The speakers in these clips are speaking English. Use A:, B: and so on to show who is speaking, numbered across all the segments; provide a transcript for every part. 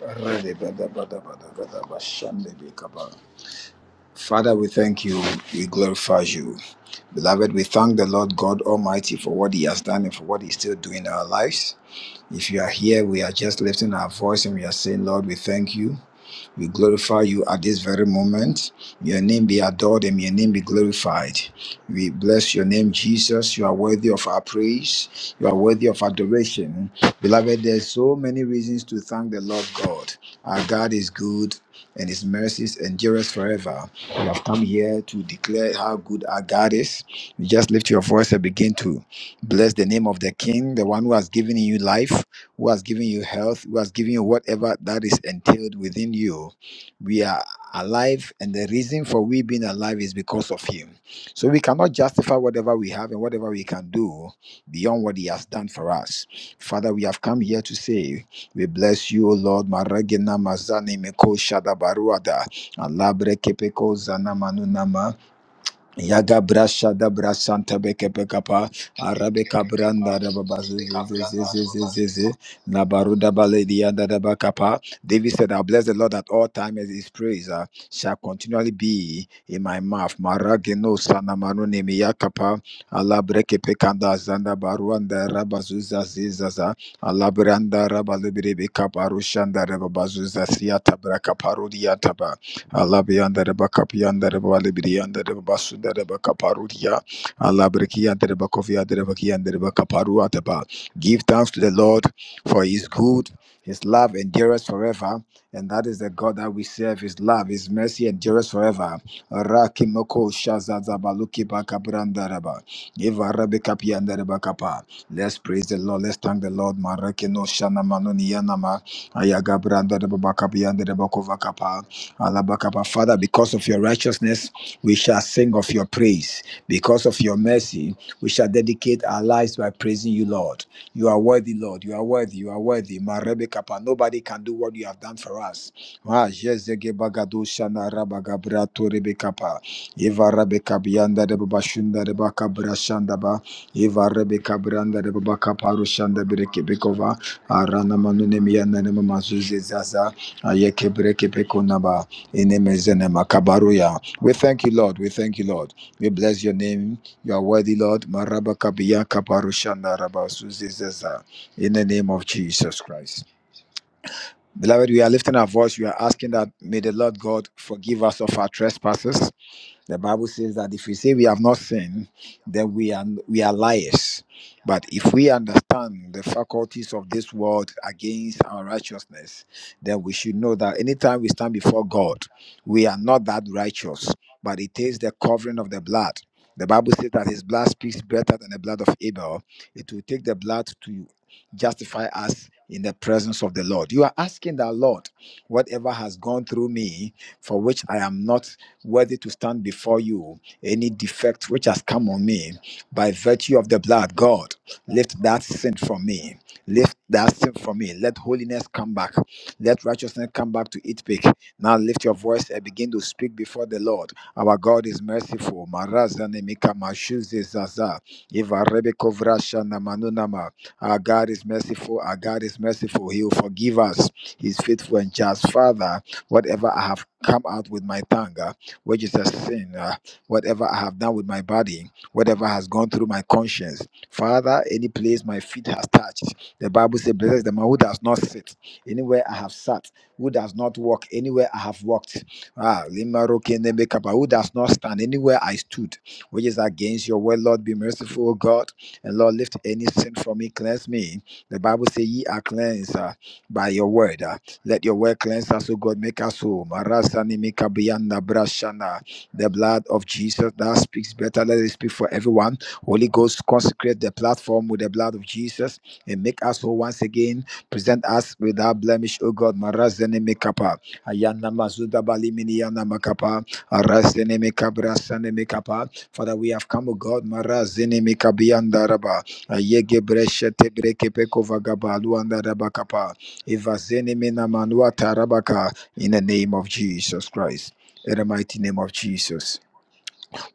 A: Father, we thank you. We glorify you. Beloved, we thank the Lord God Almighty for what He has done and for what He's still doing in our lives. If you are here, we are just lifting our voice and we are saying, Lord, we thank you. We glorify you at this very moment. Your name be adored and your name be glorified. We bless your name, Jesus. You are worthy of our praise. You are worthy of adoration. Beloved, there's so many reasons to thank the Lord God. Our God is good and his mercies endures forever. We have come here to declare how good our God is. You just lift your voice and begin to bless the name of the King, the one who has given you life, who has given you health, who has given you whatever that is entailed within you. We are alive, and the reason for we being alive is because of Him. So we cannot justify whatever we have and whatever we can do beyond what He has done for us. Father, we have come here to say, We bless you, O Lord. Maragina mazani meko shada baruada. Alabre kepeko zana manunama. Yaga brasha da brasanta beke pekapa arabeka branda da babazizizizizizizi nabaruda baledia da da bakapa. David said, "I bless the Lord at all times; His praise uh, shall continually be in my mouth." Marageno sana manone miyakapa Allah breke pekanda zanda baruanda rabazuza zizaza Allah branda rabalibiri beka parushanda rabazuza siata braka parudia Allah beyanda de bakap yanda de bali bir yanda bakaparudia. Allah breki yanda de bakofi yanda de baki Give thanks to the Lord for his good, his love endures forever. And that is the God that we serve. His love, His mercy endures forever. Rakimoko shazazabaluki bakabrandaraba. Eva rabekapi yanda de bakapa. Let's praise the Lord. Let's thank the Lord. Marakino shana manoni yanama. Ayagabranda de bakapa yanda kapa. Alabakaba. Father, because of your righteousness, we shall sing of your praise. Because of your mercy, we shall dedicate our lives by praising you, Lord. You are worthy, Lord. You are worthy. You are worthy. Marebekapa. Nobody can do what you have done for us. Ah, Jezegebagado Shana Rabagabrato Rebekapa. Eva Rebekabianda Rebabashunda Rebakabra Shandaba. Eva Rebekabranda Rebabakaparu Shanda Berekebekova. Arana Manunemiana Nemazuze Zaza. Ayekebreke Pekonaba. In the name of Jesus, Makabaruya. We thank you, Lord. We thank you, Lord. We bless your name. You are worthy, Lord. Maraba kabiya kabarushanda raba suzizeza. In the name of Jesus Christ. Beloved, we are lifting our voice. We are asking that may the Lord God forgive us of our trespasses. The Bible says that if we say we have not sinned, then we are we are liars. But if we understand the faculties of this world against our righteousness, then we should know that anytime we stand before God, we are not that righteous. But it takes the covering of the blood. The Bible says that his blood speaks better than the blood of Abel. It will take the blood to justify us in the presence of the Lord. You are asking that Lord, whatever has gone through me, for which I am not worthy to stand before you. Any defect which has come on me, by virtue of the blood, God, lift that sin from me. Lift that sin from me. Let holiness come back. Let righteousness come back to its peak. Now lift your voice and begin to speak before the Lord. Our God is merciful. Marazane mika mashuze zaza. Iva rebe kovrasha na manunama. Our God is merciful. Our God is merciful. He will forgive us. He's faithful and just. Father, whatever I have come out with my tongue which is a sin, uh, whatever I have done with my body, whatever has gone through my conscience. Father, any place my feet has touched, the Bible says, Blessed is the man who does not sit, anywhere I have sat, who does not walk, anywhere I have walked, ah, limarokenemekapa, who does not stand, anywhere I stood, which is against your word, Lord, be merciful, O God, and Lord, lift any sin from me, cleanse me. The Bible says, Ye are cleansed uh, by your word. Ah, let your word cleanse us, O God. Make us whole. Marasani mikabianda brashana. The blood of Jesus that speaks better. Let it speak for everyone. Holy Ghost, consecrate the platform with the blood of Jesus and make us whole once again. Present us without blemish, O God. Marazani mikapa. Ayana mazuda bali miniyana makapa. Arasene mikabrasane mikapa. Father, we have come, O God. Marazini mikabianda raba. Ayege breshete breke peko vagabalu anda raba kapa. Evazene mena manua tarabaka, In the name of Jesus Christ. In the mighty name of Jesus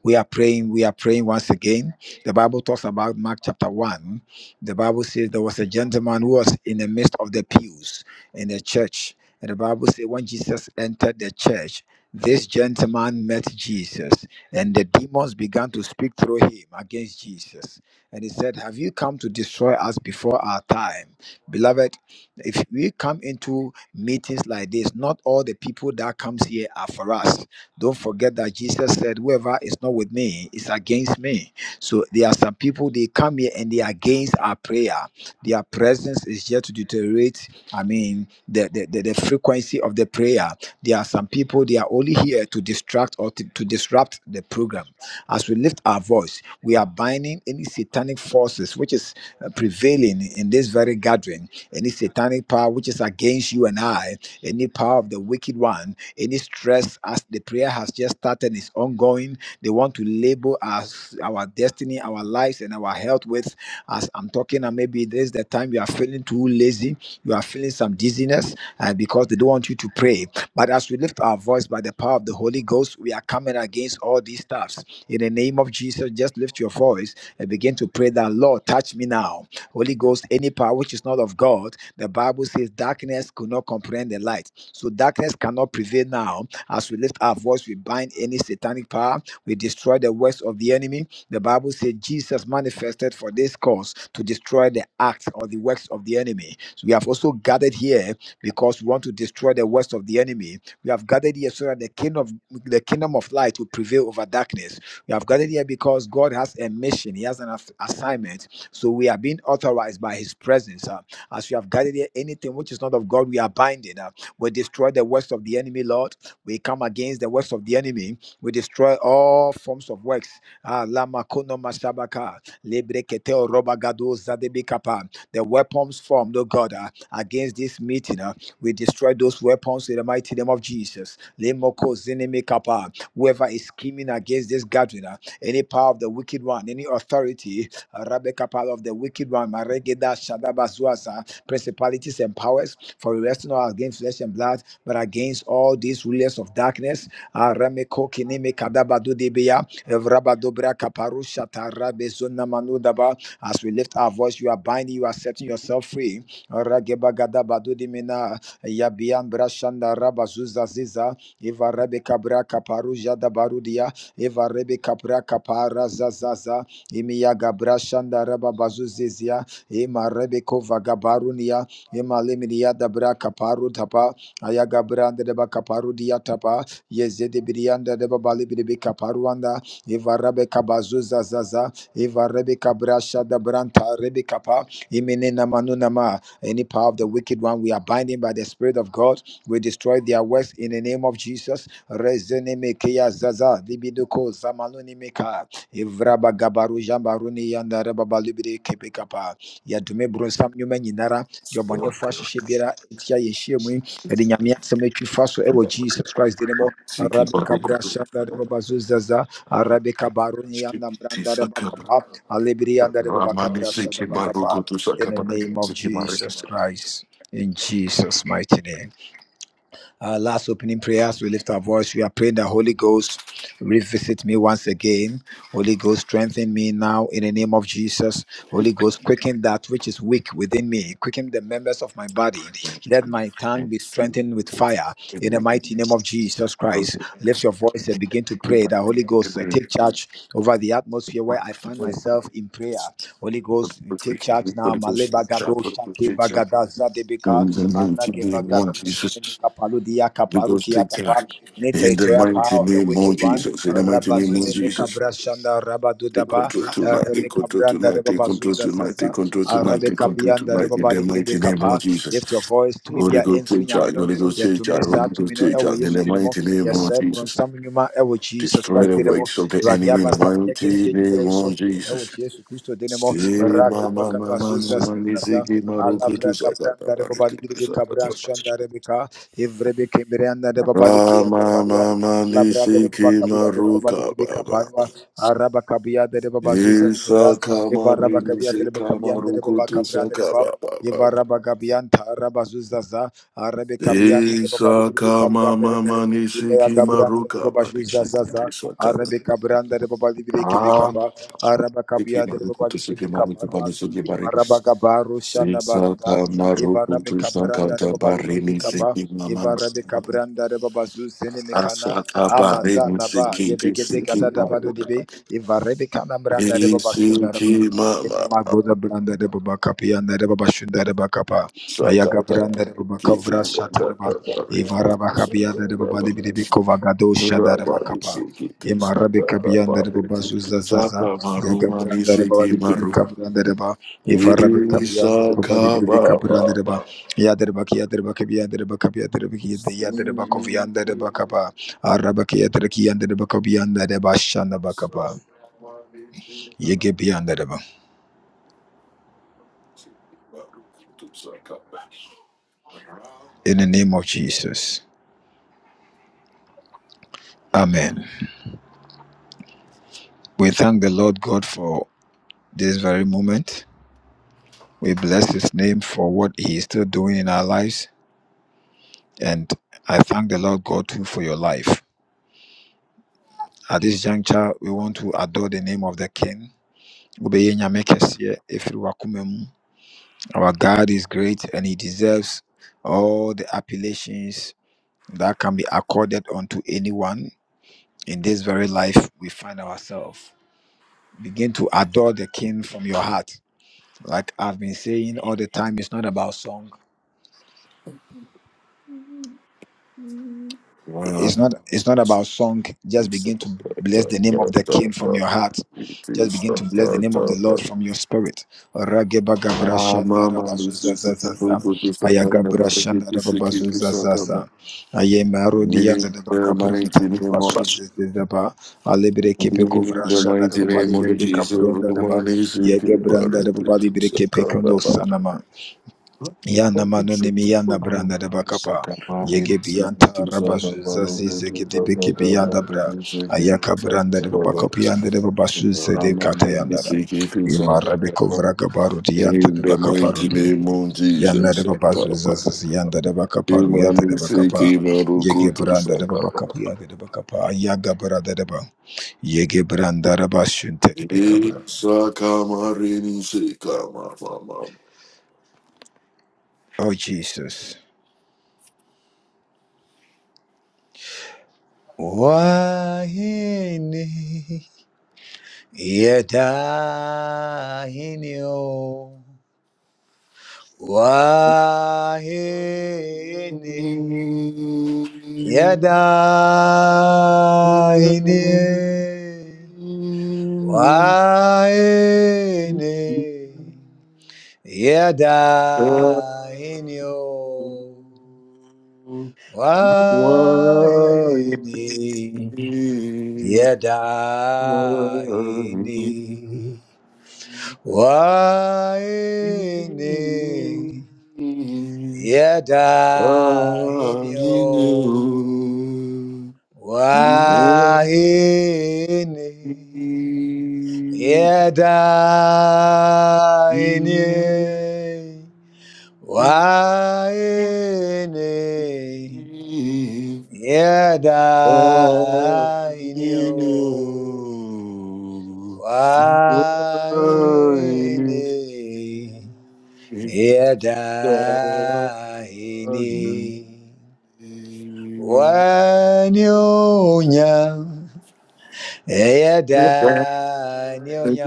A: we are praying we are praying once again the bible talks about mark chapter 1 the bible says there was a gentleman who was in the midst of the pews in the church and the bible says when jesus entered the church this gentleman met jesus and the demons began to speak through him against jesus and he said have you come to destroy us before our time beloved if we come into meetings like this not all the people that comes here are for us don't forget that Jesus said, Whoever is not with me is against me. So there are some people, they come here and they are against our prayer. Their presence is here to deteriorate, I mean, the, the, the, the frequency of the prayer. There are some people, they are only here to distract or to, to disrupt the program. As we lift our voice, we are binding any satanic forces which is uh, prevailing in this very gathering, any satanic power which is against you and I, any power of the wicked one, any stress as the prayer has just started is ongoing. They want to label us, our destiny, our lives, and our health with. As I'm talking, and maybe this is the time you are feeling too lazy, you are feeling some dizziness uh, because they don't want you to pray. But as as we lift our voice by the power of the Holy Ghost, we are coming against all these stuffs. In the name of Jesus, just lift your voice and begin to pray that, Lord, touch me now. Holy Ghost, any power which is not of God, the Bible says darkness could not comprehend the light. So darkness cannot prevail now. As we lift our voice, we bind any satanic power, we destroy the works of the enemy. The Bible says Jesus manifested for this cause to destroy the acts or the works of the enemy. So we have also gathered here because we want to destroy the works of the enemy we have gathered here so that the kingdom of the kingdom of light will prevail over darkness. We have gathered here because God has a mission, He has an ass- assignment. So we are being authorized by His presence. uh, as we have gathered here, anything which is not of God, we are binding. uh, we destroy the works of the enemy, Lord. We come against the works of the enemy. We destroy all forms of works. Ah, Lama kono masabaka, lebrekete orobagado zadebikapa. The weapons formed, oh God, uh, against this meeting. Uh, we destroy those weapons in the mighty name of Jesus. Lemoko zeneme kapa. Whoever is scheming against this gathering, uh, any power of the wicked one, any authority, uh, Rabbe kapa of the wicked one, Maregeda Shadabazuasa, principalities and powers, for we wrestle not against flesh and blood, but against all these rulers of darkness. Uh, Rameko kineme kadabadu debeya, Evrabadobra kaparusha tarabezona manudaba. As we lift our voice, you are binding, you are setting yourself free. Ragebagada Badu Dimena Yabian Brashanda Rabazuza Ziza, Eva Rebe Cabra Caparuja da Barudia, Eva Rebe Cabra Capara Zazaza, Emia Gabra Shanda Rababazuzizia, Ema Rebe Kova Gabarunia, Ema Limidia da Bra Caparu Tapa, Ayagabra and Deba Caparudia Tapa, Yezede Birianda Deba Balibi Caparuanda, Eva Rebe Cabazuza Zaza, Eva Rebe Cabra Shada Branta Rebe Capa, Imene Namanunama. Any power of the wicked one, we are binding by the Spirit of God. We destroy their works in the name of Jesus. Rezenemekeya zaza, libidoko zamalunimeka, evrabagabaru jambaruni yanda rebabalibiri kebekapa. Yadume bronsam nyuma nyinara, diobonefo ahyehyɛ biara etia yɛhyia mu yi, yɛde Nyame no so Jesus Christ din mu. Ɔsanda rebabazo zaza, arabekabaruni yanda branda rebakapa, alibiri yanda rebaba- Name of Jesus Christ in Jesus' mighty name. Our last opening prayers, we lift our voice. We are praying that Holy Ghost revisit me once again. Holy Ghost strengthen me now in the name of Jesus. Holy Ghost quicken that which is weak within me. Quicken the members of my body. Let my tongue be strengthened with fire. In the mighty name of Jesus Christ, lift your voice and begin to pray that Holy Ghost uh, take charge over the atmosphere where I find myself in prayer. Holy Ghost take charge. Lebagada zadebeka paludia kapa. Nete abrashanda your voice to something you might ever Jesus Christo Denemo and the Baba Bika Evrebe Kimberanda de Baba Araba Kabia de Baba Eva Raba Gabianta Araba Zuzaza Arabe Kabia Gazuzaza Kabranda de Baba Libireke Araba Kabia Araba Gabaru Shabe Kabranda de Baba Zuzeneme Eva Rebe Kanabranda Agoda Branda de Baba Kapianda de Baba Shunda de Bakapa Eva Raba Kabia de Baba Libireke Kovagadosh Yandaraba, Yadarabaki, Yadarabakabi, Yadarabakabi, Yadarabaki, Yadarabakaba, Arabaki, Yadaraki, Yandarabakabi, Yandaraba, Shandabakaba, Yegebi, Yandaraba. In the name of Jesus. Amen. We thank the Lord God for this very moment. We bless his name for what he is still doing in our lives. And I thank the Lord God too for your life. At this juncture, we want to adore the name of the King. Wobɛyɛ Nyame kɛseɛ ɛfiri w'akoma mu. Our God is great and he deserves all the appellations that can be accorded unto anyone in this very life we find ourselves. Begin to adore the King from your heart. Like I've been saying all the time, it's not about song. It's not it's not about song. Just begin to bless the name of your heart from your spirit. Rageba gabra zezaba, alebreke, dadababa, libreketanama. Yana manone miyana branda da bakapa Ayaka branda de papianda de babasus, recovera gabaru dian, nereva bazus, yanda de bacaparu de bacapa, ayaga branda de ba, yege branda rabashunte. Oh Jesus. Wahine, yedahini o wahini yedahini wahini Yada inyo wai. Yada wai. Yada wai. ni. Yada eh, wai. ni. Yada eh, wai. Yada. Wanyonya, yada nyonya,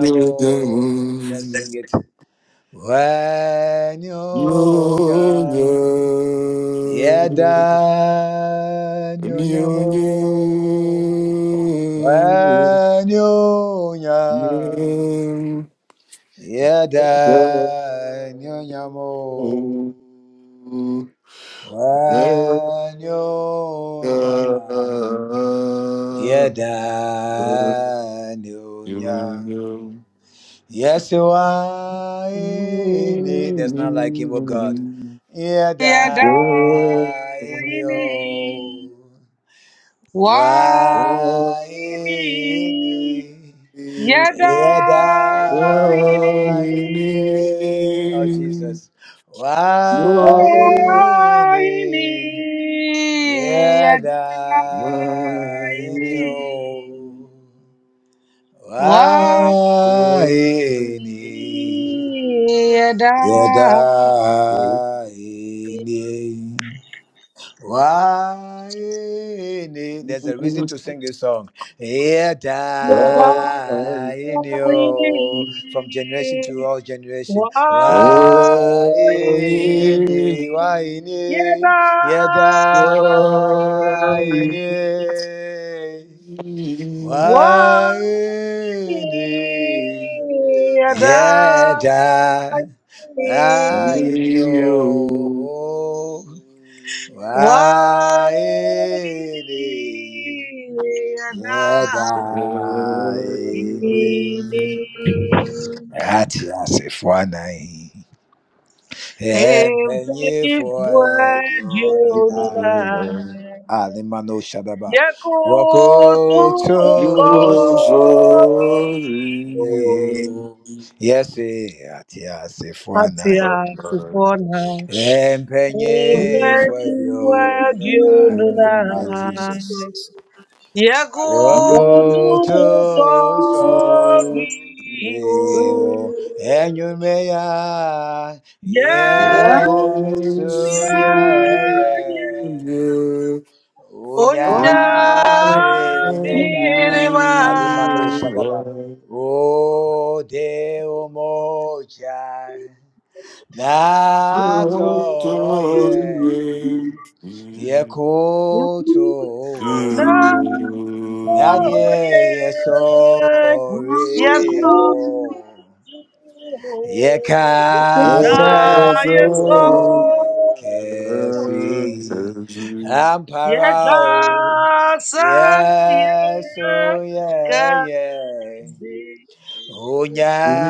A: wanyo, yada nyo, wanyonya, yada nyonya mo, wanyonya, yada nyonya, yes why, yada
B: Yada
A: nyo,
B: imi wa
A: wa
B: imi
A: Eni,
B: yada
A: Yeda,
B: imi
A: Wani,
B: wa imi yada
A: Yeda,
B: imi wa imi
A: Wani,
B: yada yada
A: Yeda, Eni, Wani. That's a good song. Yeda, Eni,
B: imi
A: oh, from generation to all generation.
B: wa
A: Why,
B: imi
A: why, in
B: Yada,
A: yada Waini Why? rao
B: wadi,
A: waini
B: yada
A: yeda
B: wadi, yada
A: emi
B: ini
A: ati asefo anayi empanyinfo
B: evadiwa
A: ẹdunu
B: jona
A: alimano shadaba
B: yakutu
A: wọkọtun
B: sofi
A: yẹsi ati asefo anayi.
B: Atia Tupona
C: Thank you.
A: Empeñé fue
B: Ebeni
A: Dios, no nice.
B: Gwedununa Yago
A: Rocco
B: to
A: to so
B: sorry. Oh.
A: vivo, and you may I, yeah,
B: Yes
A: oh, yeah,
B: yeah.
A: yeah. Unyame,
B: Onya
A: oh, Deo mocha, na, oh, yeah, cool to, that yeah,
B: naye
A: yeah, sorry, oh.
B: yagumu
A: Yeka
B: naye
A: ke
B: somo
A: amparao.
B: yegasaye
A: Yes, oh yeah,
B: kasi
A: yeah. Unyeva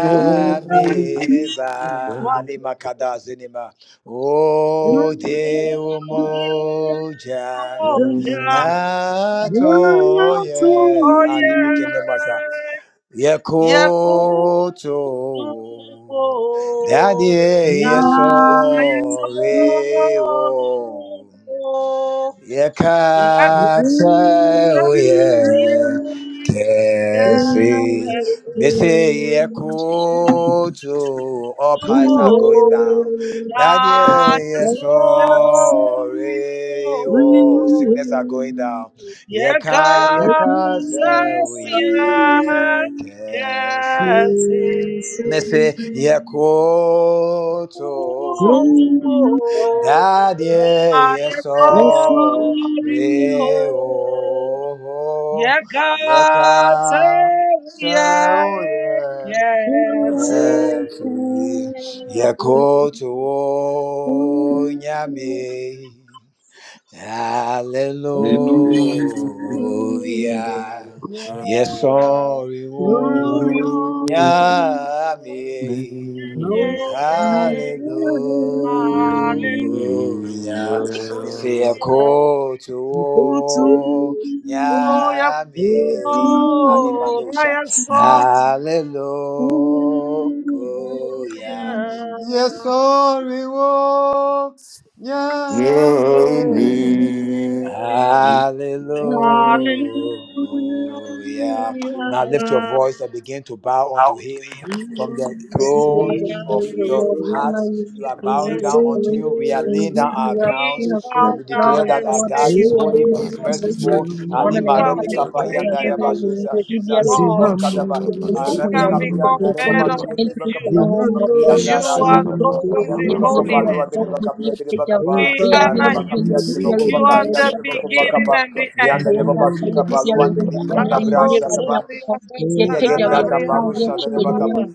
A: makada zinima. O
C: Thank
A: te umoja.
B: mudimoja
A: Nato ye
B: naye
A: animi kendemasa.
B: Yefuwo
A: Yekoto. Daddy, yes, oh, we, oh. Yakasaye kesi, yɛkasaoyɛ say mese yɛkoto all powers are going down dadeɛ sorry. wɔ sickness are going down yɛka yɛka kesi, woyɛ say mese
B: ojú
A: yɛkoto
C: you.
A: Daddy,
B: o ayé
A: yes,
C: Yes,
A: oh,
B: sọ́ọ́rí kó
C: Lord.
A: re,
B: yẹ
A: oh,
B: ká
A: yeka,
B: sẹ́wù yẹ
A: so, yeah,
B: kẹ̀tì
D: Hallelujah.
A: yeko, to, nyame, hallelujah,
B: yẹ
A: yes, oh, re, oh,
C: Glory.
B: sọ́ọ́rí
C: Lord.
A: hallelujah.
B: hallelujah.
C: Glory to
A: Sekoto
C: you.
B: Oh, yes,
A: nyamiri
C: Every
A: animanosha.
B: oh, yes, oh,
A: Hallelujah. Yes,
B: yeah.
A: sorry, wo nya.
B: Hallelujah. We honor you,
A: Hallelujah. Now lift your voice and begin to bow unto from the
D: to give you all
A: throne
D: the
C: blessing
A: of
D: praise, O
C: is
A: your
D: Lord. We
C: yours.
D: honor
B: Lord.
A: hearts.
D: you, we
A: You
B: We
A: are
D: give you
A: bowing
C: The
D: the
B: bless
A: down unto
D: praise.
A: you. We
C: kingdom
A: are
C: is
A: laying down
D: Indeed, you
A: our
D: are
B: thee.
C: yours.
D: King of
A: crowns
B: Bow
A: and
D: Kings,
A: we
B: down
D: Lord
A: declare
D: of
A: that
B: and
A: our
D: Lords,
B: say
D: and
A: God
B: you
A: is
D: King
C: Every
D: of
B: are
D: Kings,
A: holy, He
B: God.
D: and
A: is
D: you are
A: merciful.
C: blessing
D: one of the ancient children of the Lord. Bwana
C: is
B: Who
D: na yeye
B: can
D: kama
B: be
D: kicheza
B: likened
D: roho
C: yours.
B: unto
D: yenye We
B: you,
D: hivi yale
B: Lord?
D: yuko
C: Zihambaragas the world. Zihambaradas
D: yote
C: the
B: Who
D: kwenye
B: can be
D: ambapo kusema
B: compared
C: Kayamakuya,
B: unto
D: challenge sana
B: you?
D: homo
B: You
C: Zihambaravas
D: and
B: are
D: we look to
B: glorious
D: the
B: in
D: enemy
C: Yamakupalizaga,
D: be a
B: holiness,
D: force
B: Lord.
D: to be a preacher
B: We
D: we are here
B: honor
D: to be
B: you.
D: a big area
B: You
C: Yakayamakundaruga,
D: you
B: are
D: are in the
B: the beginning
D: world
B: and the
C: Thank
B: end.
D: kwenda
C: you.
D: kwenye bibi ya wenyewe amri
B: Rabo
D: ya ya
B: Zobria
D: kufa ya teja
B: Zagara
D: ya
B: Bria
D: kwao ya chigo ya mnyama
B: Gatanamara.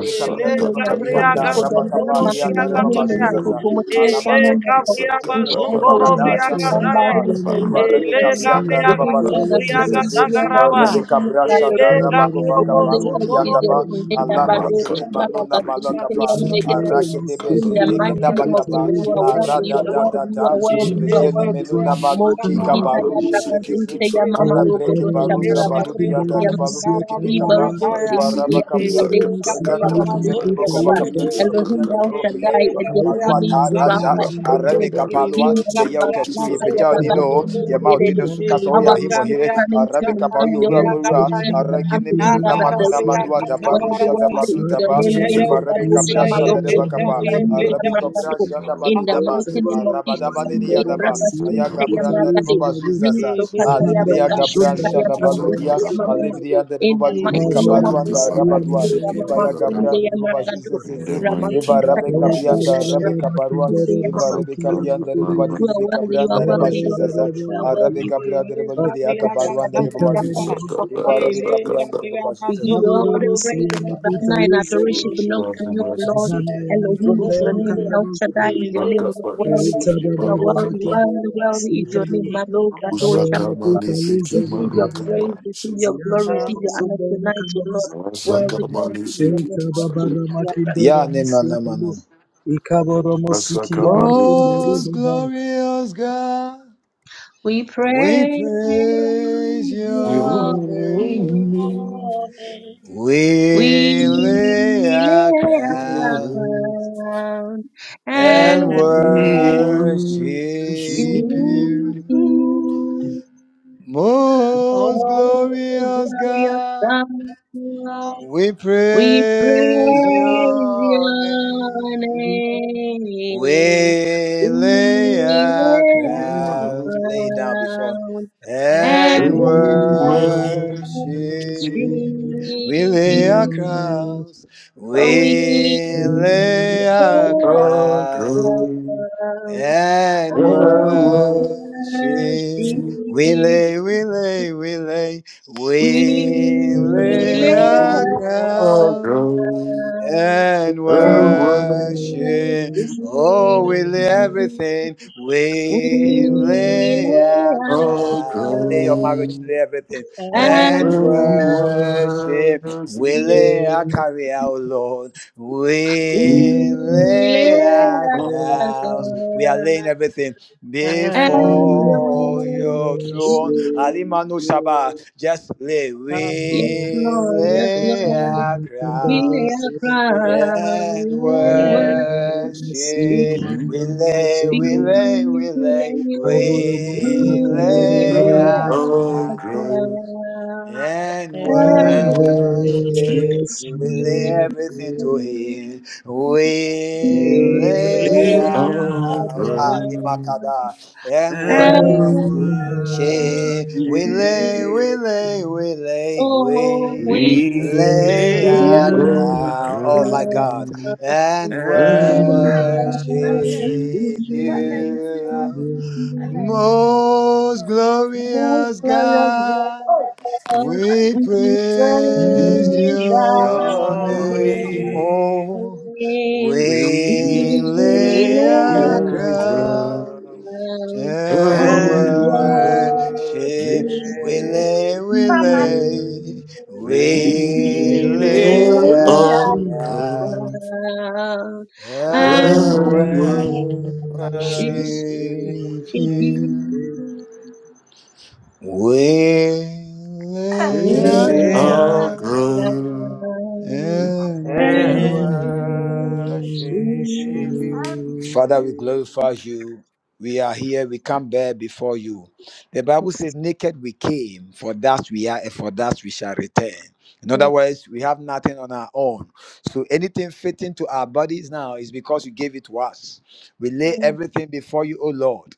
B: Ele
D: Duniya ni
B: Gabriaga
D: kokoko don garma a
B: Zogorobriaga
D: hirma yi
B: Daya.
D: da koko mutum san
B: Ele
D: home of
B: Gabriaga
D: in shi an kawo duniya ke
B: Zogorobriaga Daya.
D: ɓambare ne ko duniya so
B: Ele
D: tsaye We
A: Rebecca
B: Gabriaga
D: give you all the
B: Zobriaga
D: praise, we give you all the
B: Dagaraba.
D: honor, we give you all the
A: Brasha
B: Ele
A: da
D: adoration.
A: Rabagova
B: Gabriobo
D: Worthy, worthy
A: Gabaruti and
D: is your
B: Zogorobo.
A: Daba
D: name. Nenda
A: Allah
D: bado chabala gazi teya mlegade.
B: Gabriaga
D: In the mighty name
B: Zogorobriaga
D: of
A: Gedabagaba,
D: Jesus, you are worthy,
B: Zogorobriaga
D: you are
A: Aradadada,
B: Daya.
D: worthy, you are worthy, you
B: Ele
D: are worthy.
A: Menuna
B: Gabriaga
D: Moji
A: Manuki
B: Zogorobriaga
D: kita
A: Kabaru,
D: ya bagazu teya
B: Zogorobriaga
D: mama
A: ala breki
D: rogodo
A: Baru
B: Ele
D: shabara
A: Zabalu,
D: basu
A: the
B: Gabriaga
A: other
D: Taya
A: Balu Breke Peka,
B: Zogorobriaga
D: Ibarubo
B: Daya.
A: Varabu,
D: Similia
C: Thank you.
B: Ele
D: Mogadesha Baba
B: Gabriaga
D: Sifia Baba
B: Zogorobriaga
D: Elohim El
B: Ele
D: Shaddai and Jehovah
A: Yadribakaparua,
D: Ni
A: Taraja,
D: Rafa in your name. In
A: Alua,
D: your name, our food, Fire Baba
A: Pejaudino,
D: Similia.
A: Yamaudino Sukasoya,
D: Our food
A: Himohire,
B: Gabriel,
D: coming
A: Arabica
D: King, we give
A: Pauyo,
D: you all the praise,
A: Ramura,
D: we you all the honor,
A: Aragini
D: we give you
A: Menuna
D: all the
A: Manuna
D: adoration.
A: Madua,
D: One of the
A: Dabarusha,
D: worthy is your
A: Daba,
D: name, Mendo
A: Eva
D: Kabo
A: Rebecca Brasha,
D: Shamaroko
A: Darebacapa,
D: Sandria Magado.
A: Brasha,
D: In the
A: Madudaba,
D: mighty name of
A: arabada
D: Jesus, Sandria Braga
A: Aya
D: Sundaya
A: gabranda de
D: Magade.
A: baba zuzasa.
D: Miso Kataya
C: Zigamba
D: Braga
A: gabran
C: yamuzumba
D: Shuntaya
A: shanda
C: yamukanda
A: baludia.
D: Makuntaya
C: yamusuka
D: Mama.
C: yabago
A: Alibriya de
D: In
A: baba
D: the
A: libri
D: mighty name
C: kaboro
D: of Jesus,
C: musiye
A: rabadua.
D: Hallelujah,
C: mandara
D: Mama,
C: bagore
A: Anda
D: Sunday,
A: de baba
D: Amangadu,
A: zuzasa. Eva
D: Ramasuta,
A: rabe
C: Okay.
A: kapianda
D: Yamadusha,
A: rabe kaparua.
D: Ramasutunde,
A: Eva
D: Yamama.
A: rabe anda de baba
B: Oh,
D: You are worthy, you are worthy, you are
A: zuzasa.
D: worthy, you are
A: Arabe
D: worthy.
A: kabranda de baba libri
D: You
A: akaparua anda
D: are
A: rabe
D: worthy.
A: baba
D: We give you all the praise, O Lord. Honor and adoration belongs to you, O Lord. Elohim is your name. El Shaddai is your name. You are worthy. You are worthy. Worthy, worthy is your name. Malo, Gado, Shaka, Receive your praise. Receive your glory.
C: zianda ya
D: Receive your honor
C: mazomba ya makanda
D: tonight, O Lord.
C: mazomba.
D: Worthy, worthy is your name.
C: Ekababara makindoro
A: Ya ne mana
C: musiakilo. Ikaboro musikia makindoro babai.
A: glorious God,
D: We
A: we
D: praise
A: praise you.
D: your name. We
A: We lay
D: lay
A: our crown
D: our crown and
A: and worship.
D: worship
C: Sufu.
D: you.
A: most
D: Oh,
A: glorious
D: glorious
A: God,
D: God,
A: we
D: we
A: praise
D: praise
A: your name.
D: your
A: We
D: name.
A: lay
D: We
A: our
D: lay
A: crown,
D: our
A: lay down before
D: crown and
A: and
D: worship
A: worship.
C: Ewese.
A: We
B: And we
A: lay our
D: you.
B: pray,
A: crowns,
D: Oh, we
A: we
D: come.
A: lay our crowns and
B: and
D: Oh, mercy,
A: She Willie, Willie, Willie,
D: we
B: we
D: lay
A: Willie, I cry
D: our ground
A: and
B: and
D: and
A: she Oh,
D: worship.
A: Willie, everything,
D: We lay
A: Willie, I cry
D: our
A: everything, and
D: and worship.
A: Willie, I carry out, Lord,
D: We
A: Willie,
D: lay our
A: house. We are laying everything before
D: and
A: your
C: Thank
B: she
D: worship.
A: throne. Alimanu Shaba, just lay,
B: had
D: Yes,
A: we
D: Lord, yes,
A: lay
D: Lord,
A: our
D: we lay
A: crowns
D: our
C: you.
D: crown
A: and
C: Thank
D: and
B: and
D: worship thee.
A: worship.
B: she
A: Lay,
D: Lay,
A: we lay, we
D: lay,
A: lay,
D: we
A: we
B: we
A: lay
D: lay our crown
A: and
B: and
D: and
E: and
A: worship.
E: worship.
D: worship
A: We lay
D: thee.
A: everything to Him.
D: We
A: We lay.
D: lay
B: live
E: Eleakah,
D: our
A: Father, and worship.
E: and
B: and
D: crown
A: She
E: worship.
A: we
D: and worship
A: lay, we lay, we lay,
D: Oh,
A: we
D: we
A: lay out,
D: live
A: oh my
E: Eleakah,
A: God, and worship
B: and
E: and worship.
D: in
A: you,
C: you.
D: the
A: most
D: most
A: glorious
D: glorious
A: God.
D: God,
A: We
D: we
A: praise
D: praise thy
A: your name,
E: Yoni,
A: oh,
D: name.
E: we
A: we
D: We
A: lay
E: lay
D: lay
A: down.
E: our
D: our
E: crown
D: crown
A: and
C: Yes,
B: and
E: and
D: and
E: worship.
D: worship
A: worship,
C: yes,
A: we lay, we
E: Come on.
D: you.
A: lay,
C: yes,
A: we
B: we
E: We
A: lay.
D: We
E: lay
D: lay
E: our
A: Worship
E: crown
D: our crown and
B: and
E: and
D: worship
E: worship.
A: you
D: you. down and worship.
A: with
B: live
E: Lay our crown
D: Amen.
A: and
D: Amen. Amen.
E: and
A: word.
B: and
E: worship
B: she
E: you.
A: Father, we glorify you. We are here. We come bare before you. The Bible says, Naked we came, for that we are, and for that we shall return. In other words, we have nothing on our own. So anything fitting to our bodies now is because you gave it to us. We lay everything before you, O Lord.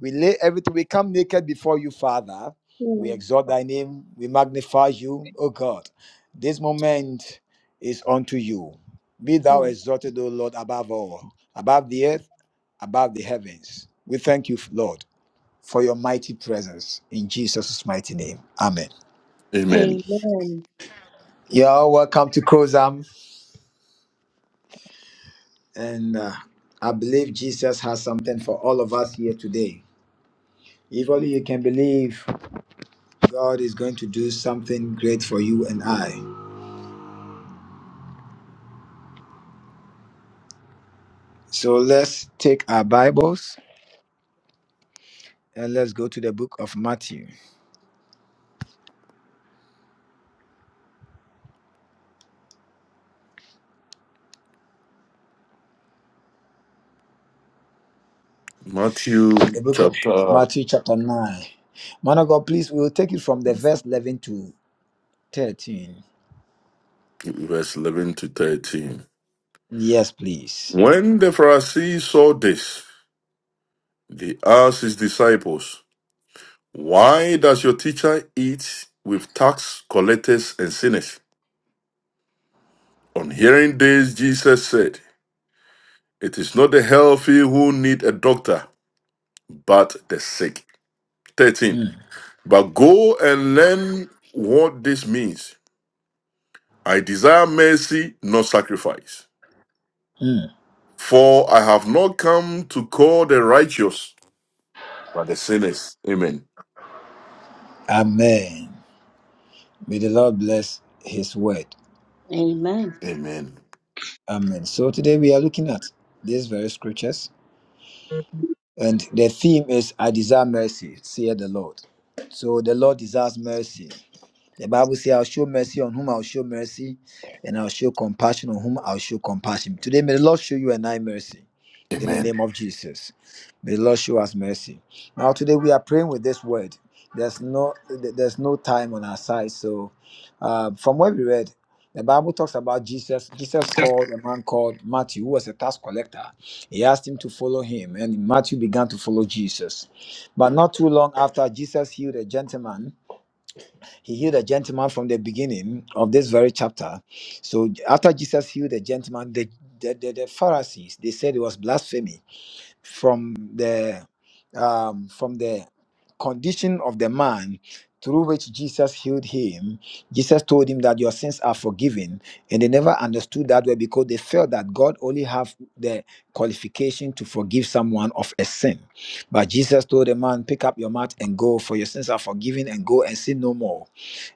A: We lay everything. We come naked before you, Father. We exalt thy name. We magnify you, O God. This moment is unto you. Be thou exalted, O Lord, above all, above the earth, above the heavens. We thank you, Lord, for your mighty presence in Jesus' mighty name. Amen. You are all welcome to Kozam, and uh, I believe Jesus has something for all of us here today. If only you can believe, God is going to do something great for you and I. So let's take our Bibles and let's go to the book of Matthew, the book of chapter 9. Man of God, please, we will take it from the verse 11 to 13. Yes, please. Mm. Amen. May the Lord bless his word.
D: Amen.
A: Amen. So today we are looking at these very scriptures, and the theme is I desire mercy, saith the Lord. So the Lord desires mercy. The Bible says, I'll show mercy on whom I'll show mercy, and I'll show compassion on whom I'll show compassion. Today, may the Lord show you and I mercy. name of Jesus. May the Lord show us mercy. Now today we are praying with this word. There's no there's no time on our side. So uh, from what we read, the Bible talks about Jesus. Jesus was a man called Matthew, who was a tax collector. He asked him to follow him, and Matthew began to follow Jesus. But not too long after Jesus healed a gentleman, he healed a gentleman from the beginning of this very chapter. So after Jesus healed the gentleman, the, the, the, the Pharisees they said it was blasphemy from the um, from the condition of the man through which Jesus healed him, Jesus told him that your sins are forgiven, and they never understood that way because they felt that God only have the qualification to forgive someone of a sin. But Jesus told the man, pick up your mat and go, for your sins are forgiven, and go and sin no more.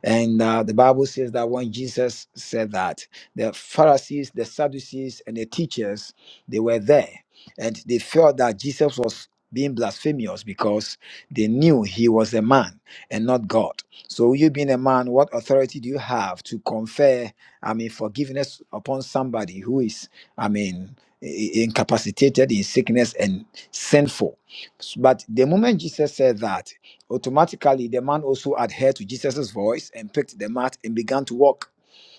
A: And uh, the Bible says that when Jesus said that, the Pharisees, the Sadducees, and the teachers, they were there. And they felt that Jesus was being blasphemous because they knew he was a man and not God. So, you being a man, what authority do you have to confer, I mean, forgiveness upon somebody who is, I mean, i- i- incapacitated in sickness and sinful? But the moment Jesus said that, automatically the man also adhered to Jesus' voice and picked the mat and began to walk.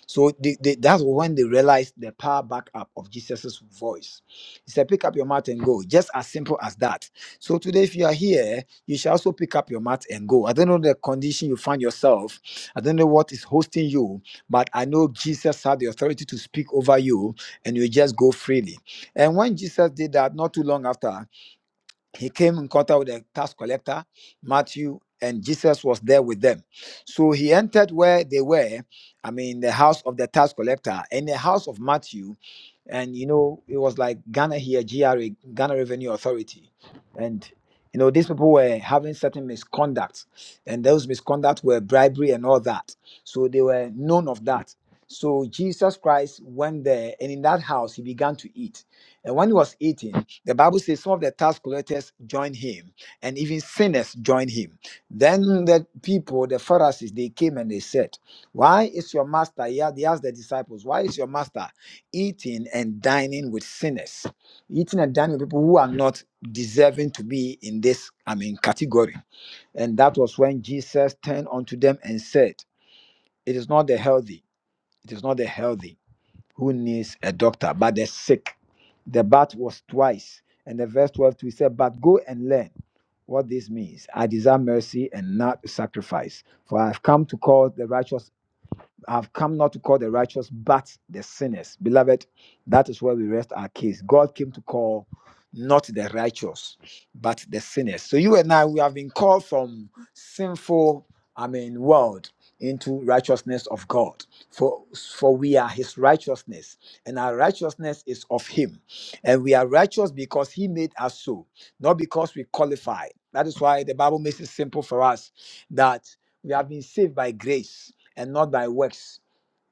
A: So they, they, that's when they realized the power back up of Jesus' voice. He said, Pick up your mat and go. Just as simple as that. So today, if you are here, you shall also pick up your mat and go. I don't know the condition you find yourself, I don't know what is hosting you, but I know Jesus had the authority to speak over you and you just go freely. And when Jesus did that, not too long after, he came in contact with the tax collector matthew and jesus was there with them so he entered where they were i mean the house of the tax collector in the house of matthew and you know it was like ghana here gra ghana revenue authority and you know these people were having certain misconduct and those misconduct were bribery and all that so they were known of that so jesus christ went there and in that house he began to eat and when he was eating, the Bible says some of the tax collectors joined him, and even sinners joined him. Then the people, the Pharisees, they came and they said, Why is your master? He a- They asked the disciples, Why is your master eating and dining with sinners? Eating and dining with people who are not deserving to be in this, I mean, category. And that was when Jesus turned unto them and said, It is not the healthy, it is not the healthy who needs a doctor, but the sick. The bat was twice. And the verse 12 too, said, But go and learn what this means. I desire mercy and not sacrifice, for I have come to call the righteous I've come not to call the righteous, but the sinners. Beloved, that is where we rest our case. God came to call not the righteous, but the sinners. So you and I, we have been called from sinful, I mean, world into righteousness of God. For for we are his righteousness, and our righteousness is of him. And we are righteous because he made us so, not because we qualify. That is why the Bible makes it simple for us that we have been saved by grace and not by works.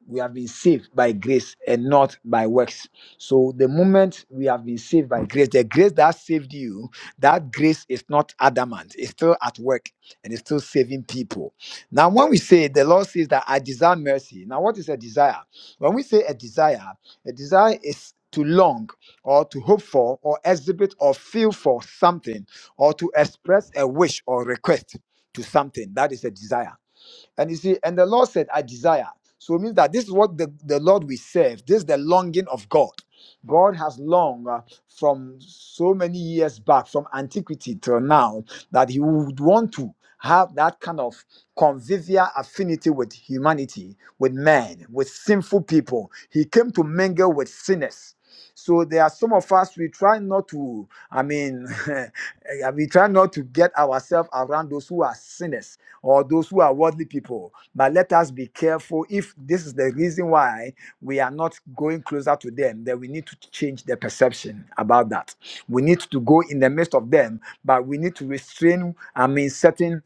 A: We have been saved by grace and not by works. So the moment we have been saved by grace, the grace that saved you, that grace is not adamant. It's still at work and it's still saving people. Now, when we say the Lord says that I desire mercy, now what is a desire? When we say a desire, a desire is to long or to hope for or exhibit or feel for something or to express a wish or request to something. That is a desire. And you see, and the Lord said, I desire. So it means that this is what the, the Lord we serve. This is the longing of God. God has longed uh, from so many years back, from antiquity till now, that He would want to have that kind of convivial affinity with humanity, with men, with sinful people. He came to mingle with sinners so there are some of us we try not to, I mean, we try not to get ourselves around those who are sinners or those who are worldly people. But let us be careful if this is the reason why we are not going closer to them, then we need to change the perception about that. We need to go in the midst of them, but we need to restrain, I mean, certain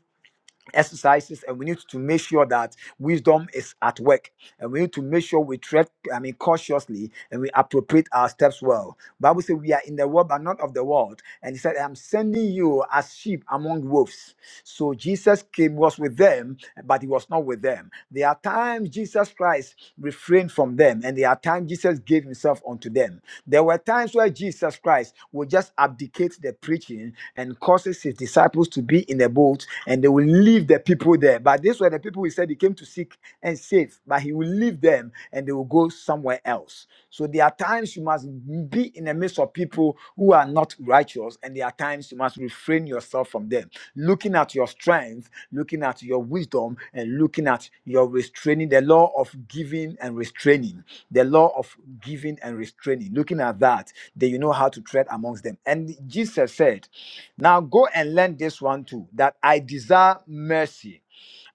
A: exercises and we need to make sure that wisdom is at work and we need to make sure we tread i mean cautiously and we appropriate our steps well bible says we are in the world but not of the world and he said i'm sending you as sheep among wolves so jesus came was with them but he was not with them there are times jesus christ refrained from them and there are times jesus gave himself unto them there were times where jesus christ would just abdicate the preaching and causes his disciples to to be in the boat and they will leave the people there. But this were the people he said he came to seek and save, but he will leave them and they will go somewhere else. So there are times you must be in the midst of people who are not righteous, and there are times you must refrain yourself from them, looking at your strength, looking at your wisdom, and looking at your restraining, the law of giving and restraining, the law of giving and restraining, looking at that, then you know how to tread amongst them. And Jesus said, now go and learn this one too that I desire mercy.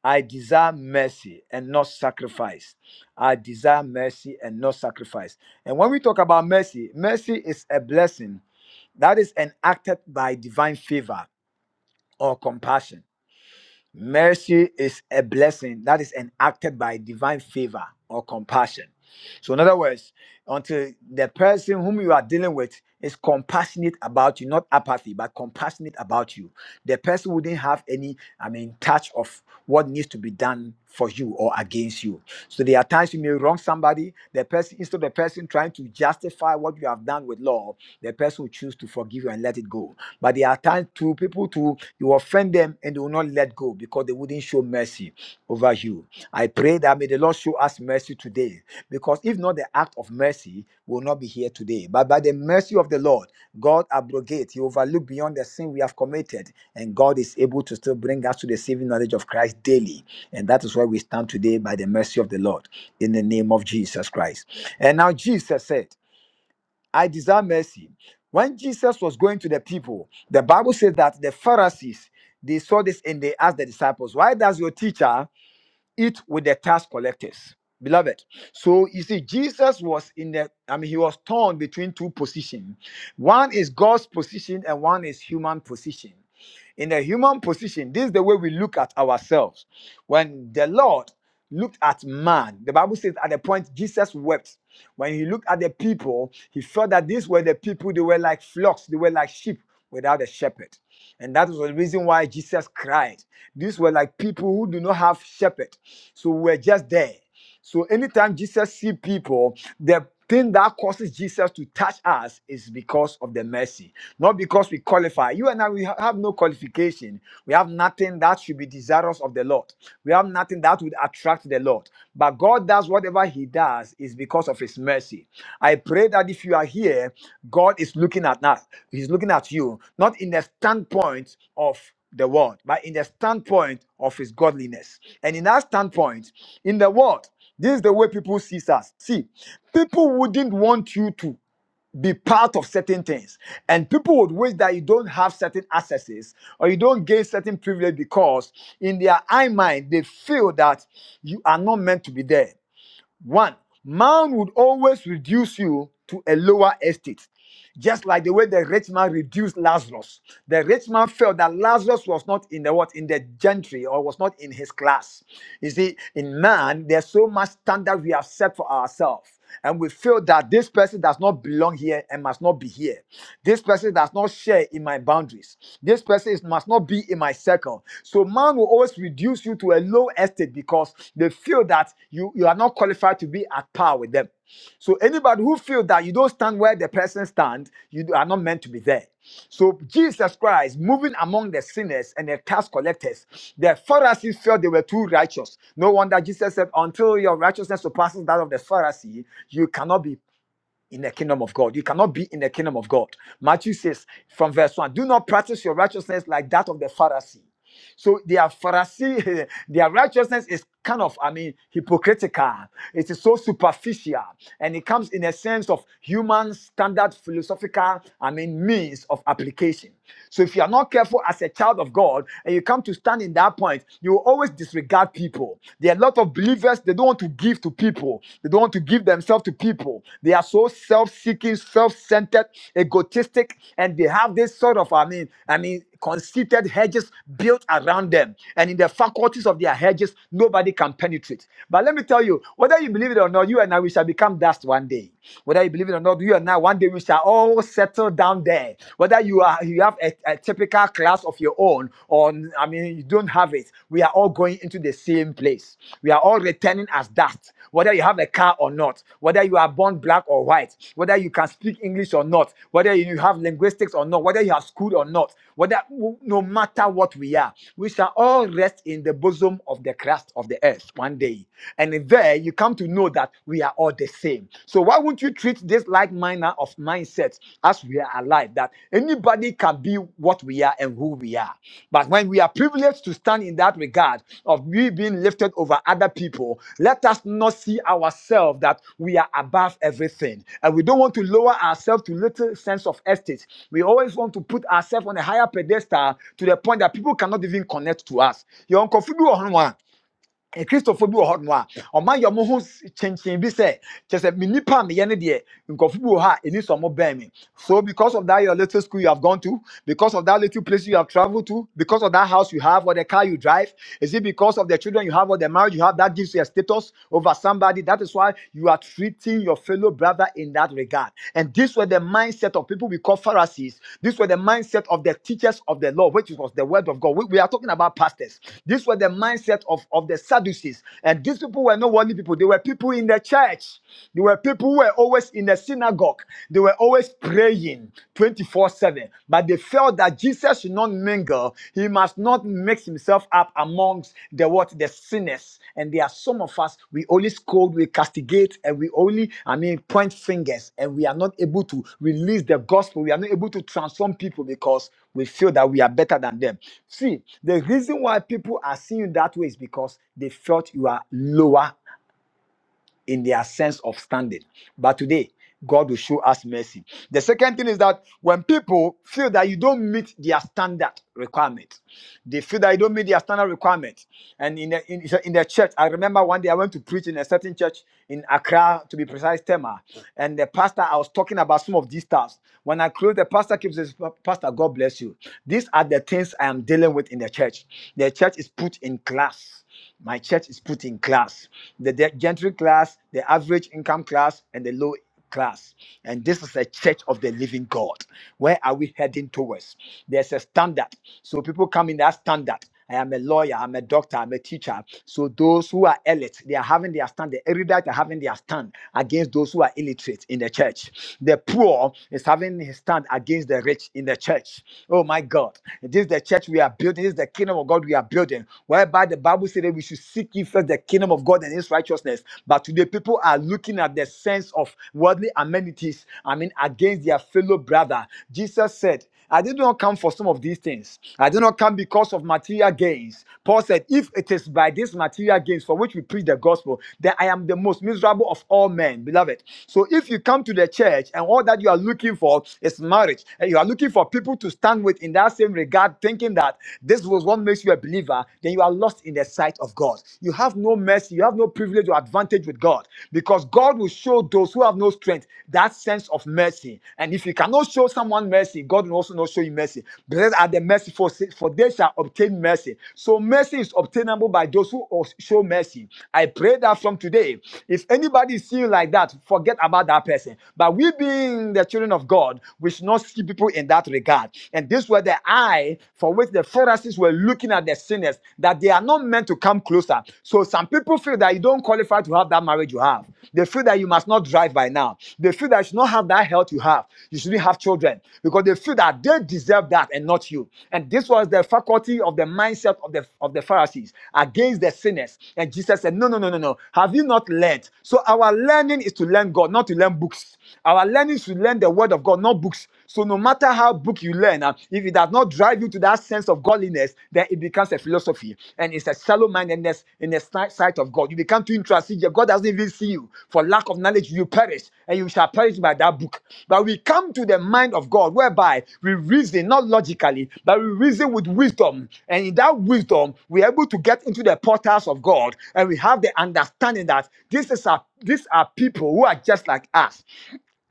A: I desire mercy and not sacrifice. I desire mercy and not sacrifice. And when we talk about mercy, mercy is a blessing that is enacted by divine favor or compassion. Mercy is a blessing that is enacted by divine favor or compassion. So, in other words, until the person whom you are dealing with is compassionate about you, not apathy, but compassionate about you, the person wouldn't have any, I mean, touch of what needs to be done for you or against you. So there are times you may wrong somebody. The person, instead of the person trying to justify what you have done with law, the person will choose to forgive you and let it go. But there are times to people to you offend them and they will not let go because they wouldn't show mercy over you. I pray that may the Lord show us mercy today because if not the act of mercy, will not be here today. But by the mercy of the Lord, God abrogates, He overlooks beyond the sin we have committed, and God is able to still bring us to the saving knowledge of Christ daily. And that is where we stand today by the mercy of the Lord in the name of Jesus Christ. And now Jesus said. I desire mercy. When Jesus was going to the people, the Bible says that the Pharisees they saw this and they asked the disciples, Why does your teacher? eat with the tax collectors beloved so you see jesus was in the i mean he was torn between two positions one is god's position and one is human position in the human position this is the way we look at ourselves when the lord looked at man the bible says at the point jesus wept when he looked at the people he felt that these were the people they were like flocks they were like sheep without a shepherd and that was the reason why jesus cried these were like people who do not have shepherd so we're just there. So anytime Jesus see people, the thing that causes Jesus to touch us is because of the mercy, not because we qualify. You and I, we ha- have no qualification. We have nothing that should be desirous of the Lord. We have nothing that would attract the Lord. But God does whatever He does is because of His mercy. I pray that if you are here, God is looking at us. He's looking at you, not in the standpoint of the world, but in the standpoint of his godliness. And in that standpoint, in the world, this is the way people see us. See, people wouldn't want you to be part of certain things. And people would wish that you don't have certain accesses or you don't gain certain privilege because in their eye mind, they feel that you are not meant to be there. One, man would always reduce you to a lower estate. Just like the way the rich man reduced Lazarus. The rich man felt that Lazarus was not in the what in the gentry or was not in his class. You see, in man, there's so much standard we have set for ourselves. And we feel that this person does not belong here and must not be here. This person does not share in my boundaries. This person is, must not be in my circle. So man will always reduce you to a low estate because they feel that you, you are not qualified to be at par with them. So anybody who feels that you don't stand where the person stands, you are not meant to be there. So Jesus Christ moving among the sinners and the tax collectors, the Pharisees felt they were too righteous. No wonder Jesus said, "Until your righteousness surpasses that of the Pharisee, you cannot be in the kingdom of God. You cannot be in the kingdom of God. Matthew says from verse 1 Do not practice your righteousness like that of the Pharisee. So their Pharisee, their righteousness is kind of, I mean, hypocritical. It is so superficial. And it comes in a sense of human standard philosophical, I mean, means of application. So if you are not careful as a child of God and you come to stand in that point, you will always disregard people. There are a lot of believers, they don't want to give to people, they don't want to give themselves to people. They are so self-seeking, self-centered, egotistic, and they have this sort of, I mean, I mean, conceited hedges built around them. And in the faculties of their hedges, nobody can penetrate. But let me tell you, whether you believe it or not, you and I we shall become dust one day. Whether you believe it or not, you and I one one day we shall all settle down there. Whether you are you have a, a typical class of your own, or I mean you don't have it, we are all going into the same place. We are all returning as dust. Whether you have a car or not, whether you are born black or white, whether you can speak English or not, whether you have linguistics or not, whether you have school or not, whether no matter what we are, we shall all rest in the bosom of the crust of the earth one day. And there you come to know that that we are all the same. So why won't you treat this like manner of mindset as we are alive? That anybody can be what we are and who we are. But when we are privileged to stand in that regard of we being lifted over other people, let us not see ourselves that we are above everything. And we don't want to lower ourselves to little sense of estate. We always want to put ourselves on a higher pedestal to the point that people cannot even connect to us. Your uncle Fibu Eh, Christopher bi wɔ hɔ nom a ɔma yɛ ɔmo ho s- kyenkyen bi sɛ kyɛ sɛ me nipa a meyɛ ne deɛ nkurɔfo bi wɔ hɔ a ɛni sɛ ɔmo bɛn me so because of that your little school you have gone to because of that little place you have travelled to because of that house you have or the car you drive is it because of the children you have or the marriage you have that gives you a status over somebody that is why you are treating your fellow brother in that regard. God. And this was the mindset of people we call Pharisees. This was the mindset of the teachers of the law, which was the word of God. We, we are talking about pastors. This was the mindset of, of the Sadducees. And these people were not worldly people. They were people in the church. They were people who were always in the synagogue. They were always praying 24 7. But they felt that Jesus should not mingle single, he must not mix himself up amongst the what the sinners. And there are some of us we only scold, we castigate, and we only, I mean, point fingers, and we are not able to release the gospel. We are not able to transform people because we feel that we are better than them. See, the reason why people are seeing you that way is because they felt you are lower in their sense of standing. But today, God will show us mercy. The second thing is that when people feel that you don't meet their standard requirement, they feel that you don't meet their standard requirement. And in the, in, so in the church, I remember one day I went to preach in a certain church in Accra, to be precise, Tema. And the pastor, I was talking about some of these stuff. When I closed, the pastor keeps says, Pastor, God bless you. These are the things I am dealing with in the church. The church is put in class. My church is put in class the, the gentry class, the average income class, and the low class. And this is a church of the living God. Where are we heading towards? There's a standard. So people come in that standard. I am a lawyer, I'm a doctor, I'm a teacher. So those who are elite, they are having their stand. The erudite are having their stand against those who are illiterate in the church. The poor is having his stand against the rich in the church. Oh my God. This is the church we are building. This is the kingdom of God what we are building. Whereby the Bible said that we should seek ye first the kingdom of God and his righteousness. But today people are looking at the sense of worldly amenities, I mean, against their fellow brother. Jesus said, I did not come for some of these things. I did not come because of material gains. Paul said, If it is by these material gains for which we preach the gospel, then I am the most miserable of all men, beloved. So if you come to the church and all that you are looking for is marriage, and you are looking for people to stand with in that same regard, start thinking that this was what makes you a believer, then you are lost in the sight of God. You have no mercy, you have no privilege or advantage with God because God will show those who have no strength that sense of mercy. And if you cannot show someone mercy, God will also not show you mercy. Blessed are the merciful, for they shall obtain mercy. So mercy is obtainable by those who show mercy. I pray that from today, if anybody is seeing like that, forget about that person. But we being the children of God, we should not see people in that with And this were the eye for which the Pharisees were looking at the sinners, that they are not meant to come closer. So some people feel that you don't qualify to have that marriage you have. They feel that you must not drive by now. They feel that you should not have that health you have. You shouldn't have children because they feel that they deserve that and not you. And this was the faculty of the mindset of the of the Pharisees against the sinners. And Jesus said, No, no, no, no, no. Have you not learned? So our learning is to learn God, not to learn books. Our learning is to learn the word of God, not books. So no matter how book you learn, uh, if it does not drive you to that sense of godliness, then it becomes a philosophy and it's a shallow mindedness in the si- sight of God. You become too interested. God doesn't even see you. For lack of knowledge, you perish and you shall perish by that book. But we come to the mind of God whereby we reason, not logically, but we reason with wisdom. And in that wisdom, we're able to get into the portals of God and we have the understanding that this is our these are people who are just like us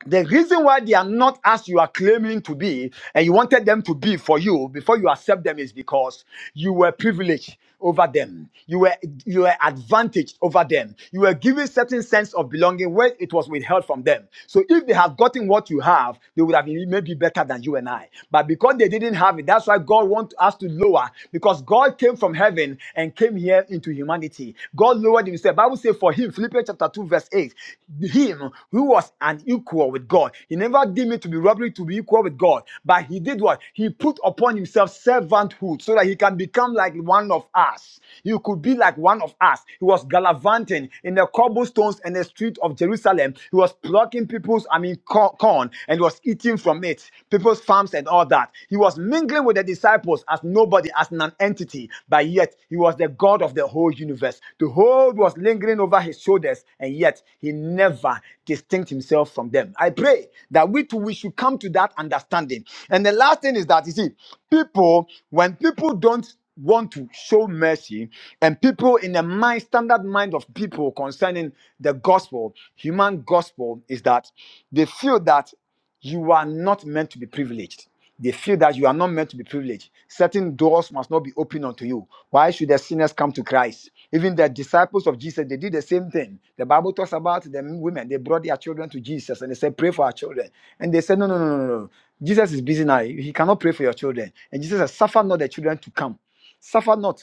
A: the reason why they are not as you are claiming to be, and you wanted them to be for you before you accept them, is because you were privileged over them. You were you were advantaged over them. You were given certain sense of belonging where it was withheld from them. So if they had gotten what you have, they would have been maybe better than you and I. But because they didn't have it, that's why God wants us to lower. Because God came from heaven and came here into humanity. God lowered God himself. Bible says for him, Philippians chapter 2, verse 8, him who was an equal with God. He never deemed it to be robbery to be equal with God. But he did what? He put upon himself servanthood so that he can become like one of us. He could be like one of us. He was gallivanting in the cobblestones and the street of Jerusalem. He was plucking people's, I mean, corn and was eating from it, people's farms and all that. He was mingling with the disciples as as nobody, as non-entity, but yet he was the God of the whole universe. The whole was lingering over his shoulders, and yet he never distinct himself from them. I pray that we too we should come to that understanding. And the last thing is that you see, people, when people don't want to show mercy and people in the mind standard mind of people concerning the gospel human gospel is that they feel that you are not meant to be privileged. They feel that you are not meant to be privileged. Certain doors must not be opened unto you. Why should the sinners come to Christ? Even the disciples of Jesus, they did the same thing. The Bible talks about the women. They brought their children to Jesus and they said, Pray for our children. And they said, No, no, no, no, no. no. Jesus is busy now. He cannot pray for your children. And Jesus said, Suffer not the children to come. Suffer not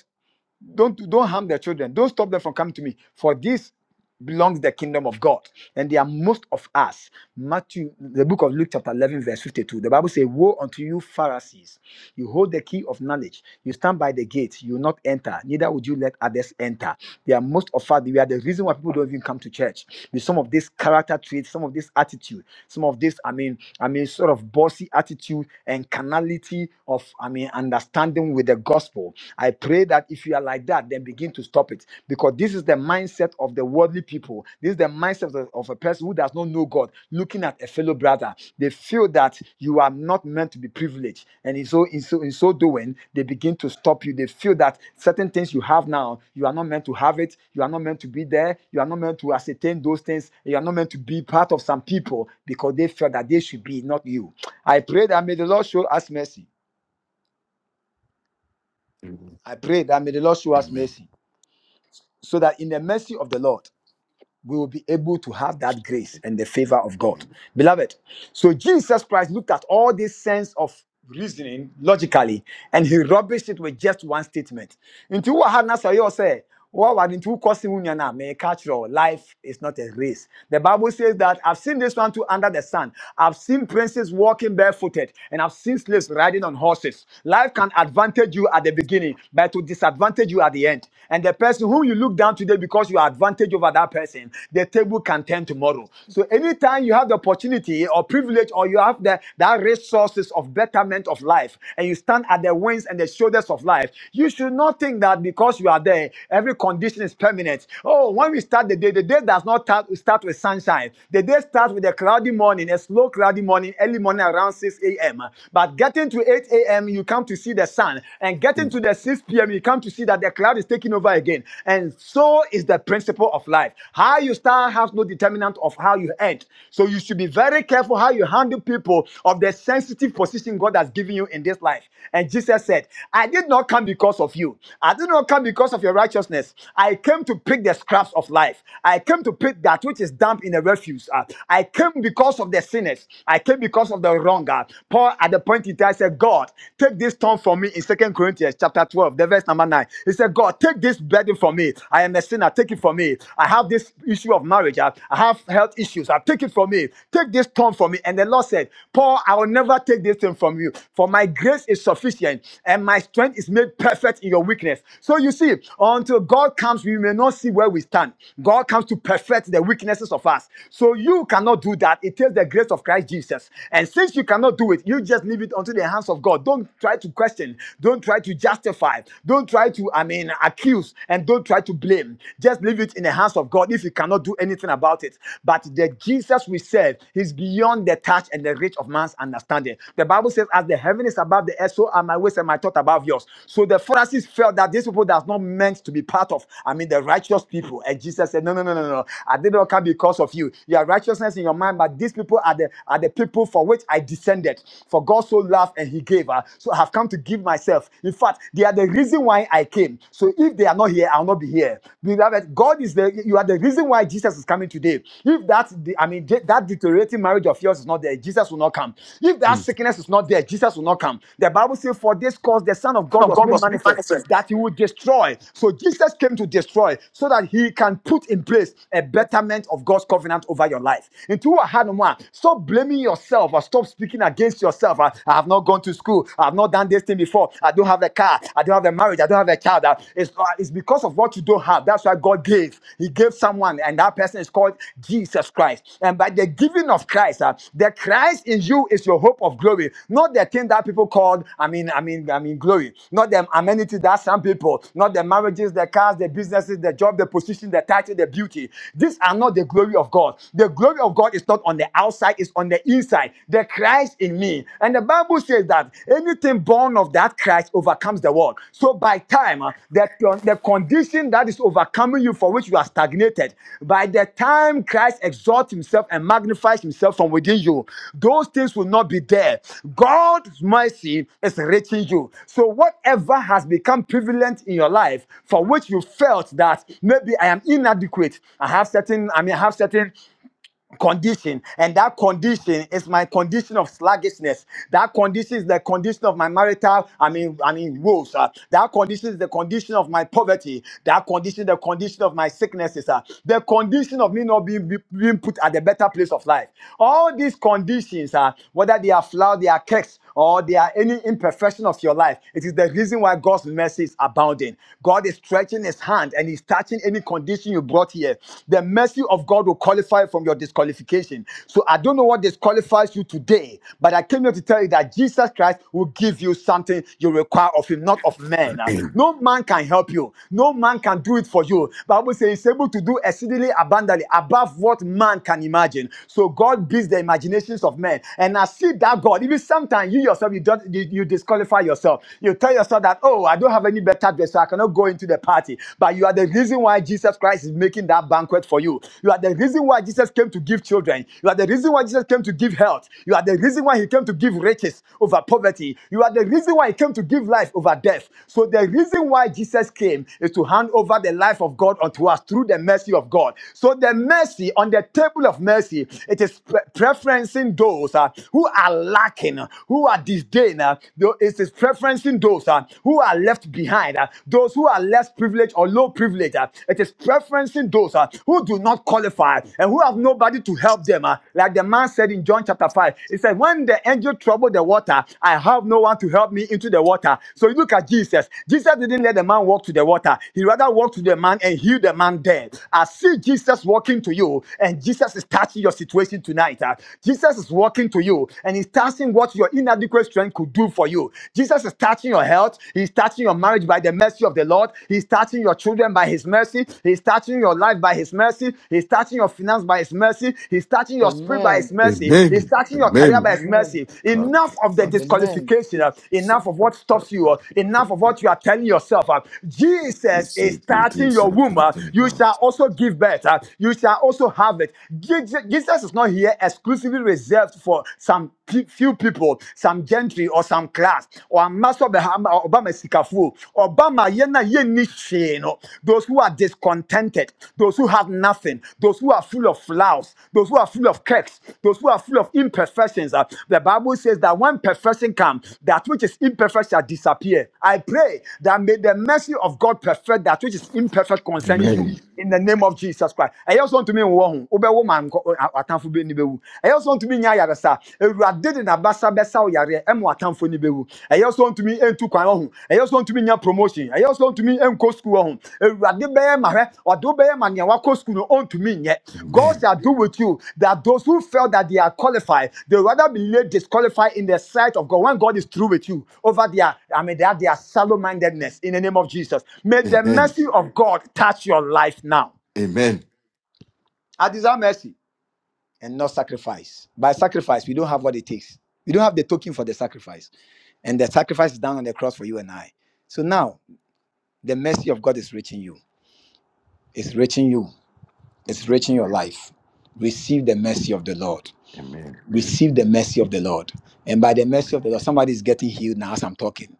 A: don't don't harm their children don't stop them from coming to me for this belongs the kingdom of god and they are most of us matthew the book of luke chapter 11 verse 52 the bible says woe unto you pharisees you hold the key of knowledge you stand by the gate you will not enter neither would you let others enter they are most of us we are the reason why people don't even come to church with some of this character traits some of this attitude some of this i mean i mean sort of bossy attitude and carnality of i mean understanding with the gospel I pray that if you are like that, then begin to stop it. Because this is the mindset of the worldly people. This is the mindset of, of a person who does not know God, looking at a fellow brother. They feel that you are not meant to be privileged. And in so, in so, in so doing, they begin to stop you. They feel that certain things you have now, you are not meant to have it. You are not meant to be there. You are not meant to ascertain those things. You are not meant to be part of some people because they feel that they should be, not you. I pray that may the Lord show us mercy. I pray that may the Lord show us mercy. so that in the mercy of the Lord, we will be able to have that grace and the favor of God. Beloved, so Jesus Christ looked at all this sense of reasoning logically and he rubbished it with just one statement. Into what had Nasayo said, what was into causing Unyana, may catch your life is not a race. The Bible says that I've seen this one too under the sun. I've seen princes walking barefooted and I've seen slaves riding on horses. Life can advantage you at the beginning, but to disadvantage you at the end. And the person whom you look down today because you are advantage over that person person, the table can turn tomorrow. So anytime you have the opportunity or privilege or you have the that resources of betterment of life and you stand at the wings and the shoulders of life, you should not think that because you are there, every condition is permanent. Oh, when we start the day, the day does not start, start with sunshine. The day starts with a cloudy morning, a slow cloudy morning, early morning around 6 a.m. But getting to 8 a.m., you come to see the sun. And getting to the 6 p.m., you come to to see that the cloud is taking over again. And so is the principle of life. How you start has no determinant of how you end. So you should be very careful how you handle people of the sensitive position God has given you in this life. And Jesus said, I did not come because of you. I did not come because of your righteousness. I came to pick the scraps of life. I came to pick that which is damp in the refuse. Uh, I came because of the sinners. I came because of the wrong. Uh, Paul, at the point, it. I said, God, take this stone from me in Second Corinthians chapter 12, the verse number 9. He said, God, take this burden from me. I am a sinner. Take it from me. I have this issue of marriage. I I have health issues. I take it from me. Take this stone from me. And the Lord said, Paul, I will never take this thing from you. For my grace is sufficient and my strength is made perfect in your weakness. So you see, until God comes, we may not see where we stand. God comes to perfect the weaknesses of us. So you cannot cannot do that, it takes the grace of Christ Jesus. And since you cannot do it, you just leave it unto the hands of God. Don't try to question, don't try to justify, don't try to, I mean, accuse, and don't try to blame. Just leave it in the hands of God if you cannot do anything about it. But the Jesus we serve is beyond the touch and the reach of man's understanding. The Bible says, As the heaven is above the earth, so are my ways and my thought above yours. So the Pharisees felt that these people that's not meant to be part of, I mean, the righteous righteous people. And Jesus said, No, no, no, no, no. no. I did not come because of you. You have righteousness in your mind, but these people are the are the people for which I descended. For God so loved and He gave. Uh, so I have come to give myself. In fact, they are the reason why I came. So if they are not here, I'll not be here. Beloved, God is the you are the reason why Jesus is coming today. If that I mean that deteriorating marriage of yours is not there, Jesus will not come. If that sickness is not there, Jesus will not come. The Bible says, For this cause the Son of God that he would destroy. So Jesus came to destroy so that he can put in place a betterment of God's covenant over your life. Into a hand, man, stop blaming yourself or stop speaking against yourself. I, I have not gone to school. I have not done this thing before. I don't have a car. I don't have a marriage. I don't have a child. Uh, It's, uh, it's because of what you don't have. That's why God gave. He gave someone, and that person is called Jesus Christ. And by by the giving of Christ. uh, the Christ in you is your hope of glory, not the thing that people called, I mean, I mean, I mean, glory, not the amenities that some people, not the marriages, the cars, the businesses, the job, the position, the title, the beauty. These are not the glory of God. The glory of God is not on the outside, it's on the inside. The Christ in me. And the Bible says that anything born of that Christ overcomes the overcomes the world. So by time, uh, the, the condition that is overcoming you for which you are stagnated, by the time Christ exalts himself and magnifies himself from within you, those things will not be there. God's mercy is reaching you. So whatever has become prevalent in your life for which you felt that maybe I am inadequate, I have certain, I mean, I have certain condition and that condition is my condition of sluggishness that condition is the condition of my marital i mean i mean woes uh, that condition is the condition of my poverty that condition the condition of my sicknesses uh, the condition of me not being, being put at a better place of life all these conditions uh, whether they are flaw they are cracks, or they are any imperfection of your life it is the reason why god's mercy is abounding God. God is stretching his hand and he's touching any condition you brought here. The mercy of God will qualify from your disqualification. So I don't know what disqualifies you today, but I came here to tell you that Jesus Christ will give you something you require of him, not of men. Uh, No man can help you. No man can do it for you. Bible says he's able to do exceedingly abundantly above what man can imagine. So God beats the imaginations of men. And I see that God, God. Even sometimes you yourself, you, don't, you you disqualify yourself. You tell yourself that, oh, I don't have any better dress, so I cannot go into the party. But you are the reason why Jesus Christ is making that banquet for you. You are the reason why Jesus came to give children. You are the reason why Jesus came to give health. You are the reason why he came to give riches over poverty. You are the reason why he came to give life over death. So the reason why Jesus came is to hand over the life of God unto us through the mercy of God. So the mercy on the table of mercy, it is pre- preferencing those uh, who are lacking, who are disdained. uh, tho- it is preferencing those uh, who are left behind, uh, those who are less privileged or low privileged. uh, it is preferencing those uh, who do not qualify and who have nobody to help them. uh, like the man said in John chapter 5, he said, When the angel troubled the water, I have no one to help me into the water. So you at Jesus. Jesus didn't let the man walk to the water. He rather walked to the man and healed the man there. I see Jesus walking to you, and Jesus is touching your situation tonight. ah. Jesus is walking to you, and he's touching what your inadequate strength could do for you. Jesus is touching your health. He's touching your marriage by the mercy of the Lord. He's touching your children by his mercy. He's touching your life by his mercy. He's touching your finance by his mercy. He's touching your spirit by his
F: Amen.
A: mercy. He's touching your Father is
F: Amen.
A: mercy. Enough of the
F: Amen.
A: disqualification. uh, Enough of what stops you. uh, Enough of what you are telling yourself. uh, Jesus is starting your womb. uh, You shall also give birth. uh, You shall also have it. Je- Je- Jesus is not here exclusively reserved for some pe- few people, some gentry or some class or a master Obama ma sikafoɔ ɔba ma yɛn a no those who are discontented those who have nothing those who are full of flaws those who are full of cracks those who are full of imperfections uh, the bible says that when perfection comes that which is imperfect shall disappear i pray that may the mercy of god perfect that which is imperfect in the name of Jesus Christ. I also want to be one ho. Obe wo atamfo be ni bewu. I also want to be nya yare sa. Ewurade de na basa besa wo yare em atamfo ni bewu. I also want to be entu kwan wo ho. I also want to be nya promotion. I also want to be enko school wo ho. Ewurade be ye ma hwe. Odo be ye ma nya wa ko school no on to me nye. God shall do with you that those who felt that they are qualified, they rather be laid disqualified in the sight of God when God is through with you over their, I mean, their, their shallow mindedness in the name of Jesus. May the mercy of God touch your life now. I desire mercy and not sacrifice. By sacrifice, we don't have what it takes. We don't have the token for the sacrifice. And the sacrifice is down on the cross for you and I. So now the mercy of God is reaching you. It's reaching you. It's reaching your life. Receive the mercy of the Lord. receive the mercy of the Lord. And by the mercy of the Lord, somebody is getting healed now as I'm talking.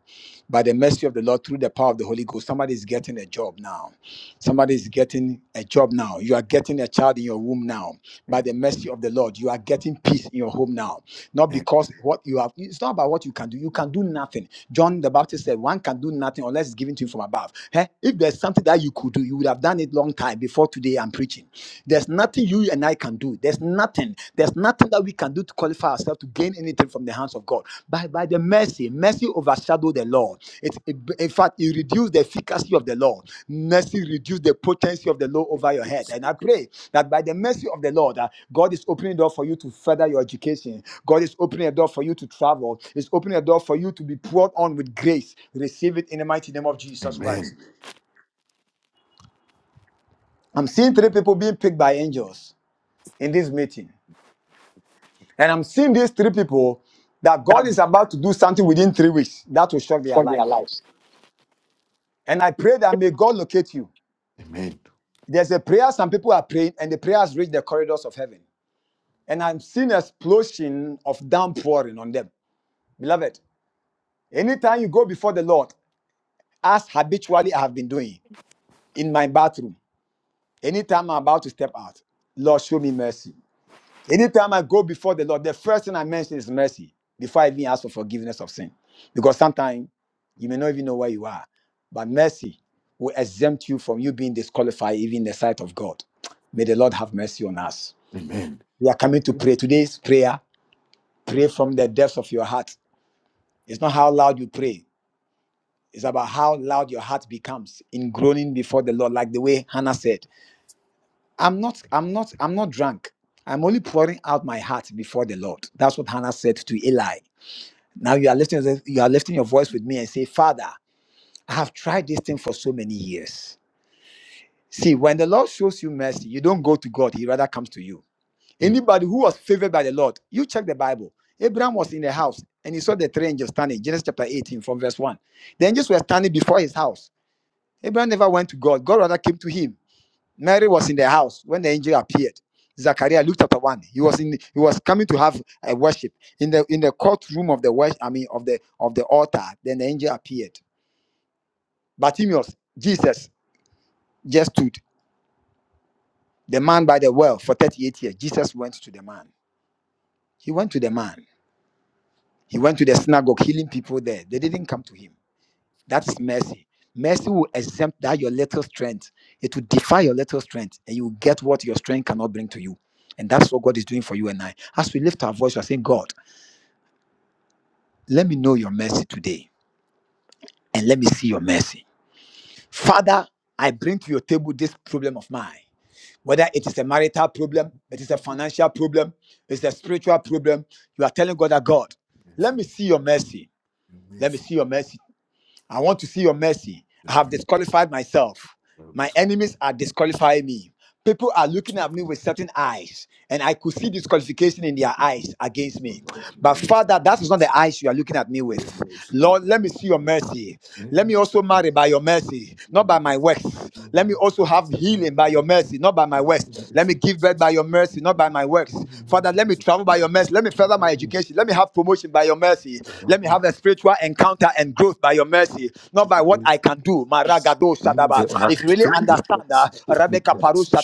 A: By the mercy of the Lord, through the power of the Holy Ghost, somebody is getting a job now. Somebody is getting a job now. You are getting a child in your womb now. By the mercy of the Lord, you are getting peace in your home now. Not because what you have, it's not about what you can do. You can do nothing. John the Baptist said, One can do nothing unless it's given to him from above. Eh? If there's something that you could do, you would have done it long time before today I'm preaching. There's nothing you and I can do. There's nothing. There's nothing that we can do to qualify ourselves to gain anything from the hands of God. By, by the mercy, mercy overshadowed the law. It, it- in fact, it reduced the efficacy of the law. Mercy reduced the potency of the law over your head. And I pray that by the mercy of the Lord, uh, God is opening a door for you to further your education. God is opening a door for you to travel. Is opening a door for you to be poured on with grace. Receive it in the mighty name of Jesus. I'm seeing three people being picked by angels in this meeting. And I'm seeing these three people that God is about to do something within three weeks that will shock their life. And I pray that may God locate you. There's a prayer some people are praying, and the prayers reach the corridors of heaven. And I'm seeing an explosion of downpouring on them. Beloved, anytime you go before the Lord, as habitually I have been doing in my bathroom, anytime I'm about to step out, Lord, show me mercy. Anytime I go before the Lord, the first thing I mention is mercy before I even ask for forgiveness of sin. Because sometimes you may not even know where you are, but mercy will exempt you from you being disqualified even in the sight of God. May the Lord have mercy on us. We are coming to pray. Today's prayer, pray from the depths of your heart. It's not how loud you pray, it's about how loud your heart becomes in groaning before the Lord, like the way Hannah said. I'm not, I'm not, I'm not drunk. I'm only pouring out my heart before the Lord. That's what Hannah said to Eli. Now you are lifting your- you are lifting your voice with me and say, Father, I have tried this thing for so many years. See, when the Lord shows you mercy, you don't go to God, He rather comes to you. Anybody who was favored by the Lord, you check the Bible. Abraham was in the house and he saw the three angels standing, Genesis chapter 18, from verse 1. The angels were standing before his house. Abraham never went to God, God rather came to him. Mary was in the house when the angel appeared. Zachariah looked at one. He was in. He was coming to have a worship in the in the courtroom of the worship. I mean, of the of the altar. Then the angel appeared. Bartimaeus, Jesus just stood the man by the well for thirty eight years. Jesus went to the man. He went to the man. He went to the synagogue, healing people there. They didn't come to him. That is mercy. Mercy will exempt that your little strength. It will defy your little strength, and you will get what your strength cannot bring to you. And that's what God is doing for you and I. As we lift our voice, we are saying, God, let me know your mercy today, and let me see your mercy. Father, I bring to your table this problem of mine. Whether it is a marital problem, it is a financial problem, it's a spiritual problem, you are telling God that God, let me see your mercy. Let me see your mercy. I want to see your mercy. I have disqualified myself. My enemies are disqualifying me. People are looking at me with certain eyes, and I could see disqualification in their eyes against me. But Father, that is not the eyes you are looking at me with. Lord, let me see your mercy. Let me also marry by your mercy, not by my works. Let me also have healing by your mercy, not by my works. Let me give birth by your mercy, not by my works. Father, let me travel by your mercy. Let me further my education. Let me have promotion by your mercy. Let me have a spiritual encounter and growth by your mercy, not by what I can do. Maragado Sadaba. If you really understand, uh, Rebecca Parusha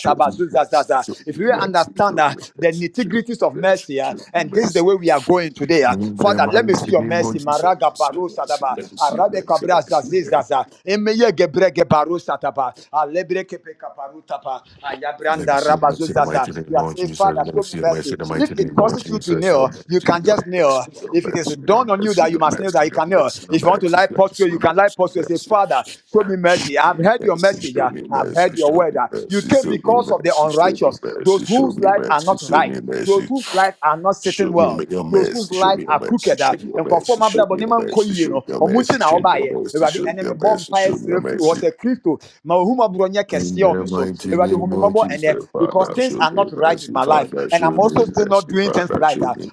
A: Zazaza. If you really understand uh, the nitty gritties of mercy, uh, and this is the way we are going today. uh, Timaraga Barusa Daba, Arabe Cabra Zazizaza, Emeye Gebrege Barusa Daba, Alebre Kepeka Barutapa, Ayabranda Raba. Kneel, you can just kneel. It dawned on you that you must kneel, that you can kneel. want to lie posture, you can lie posture. Say, Father, show me mercy. I've heard your mercy. I've heard your word. You came because of the unrighteous, those whose life, whose life are not saved, whose life are crooked. Ɔfɔm abrabɔ nkɔ yie no, wo nti na wobaeɛ. Awurade, ɛmpayɛ sɛ Kristo, ma wo right with my life, and I'm not doing things.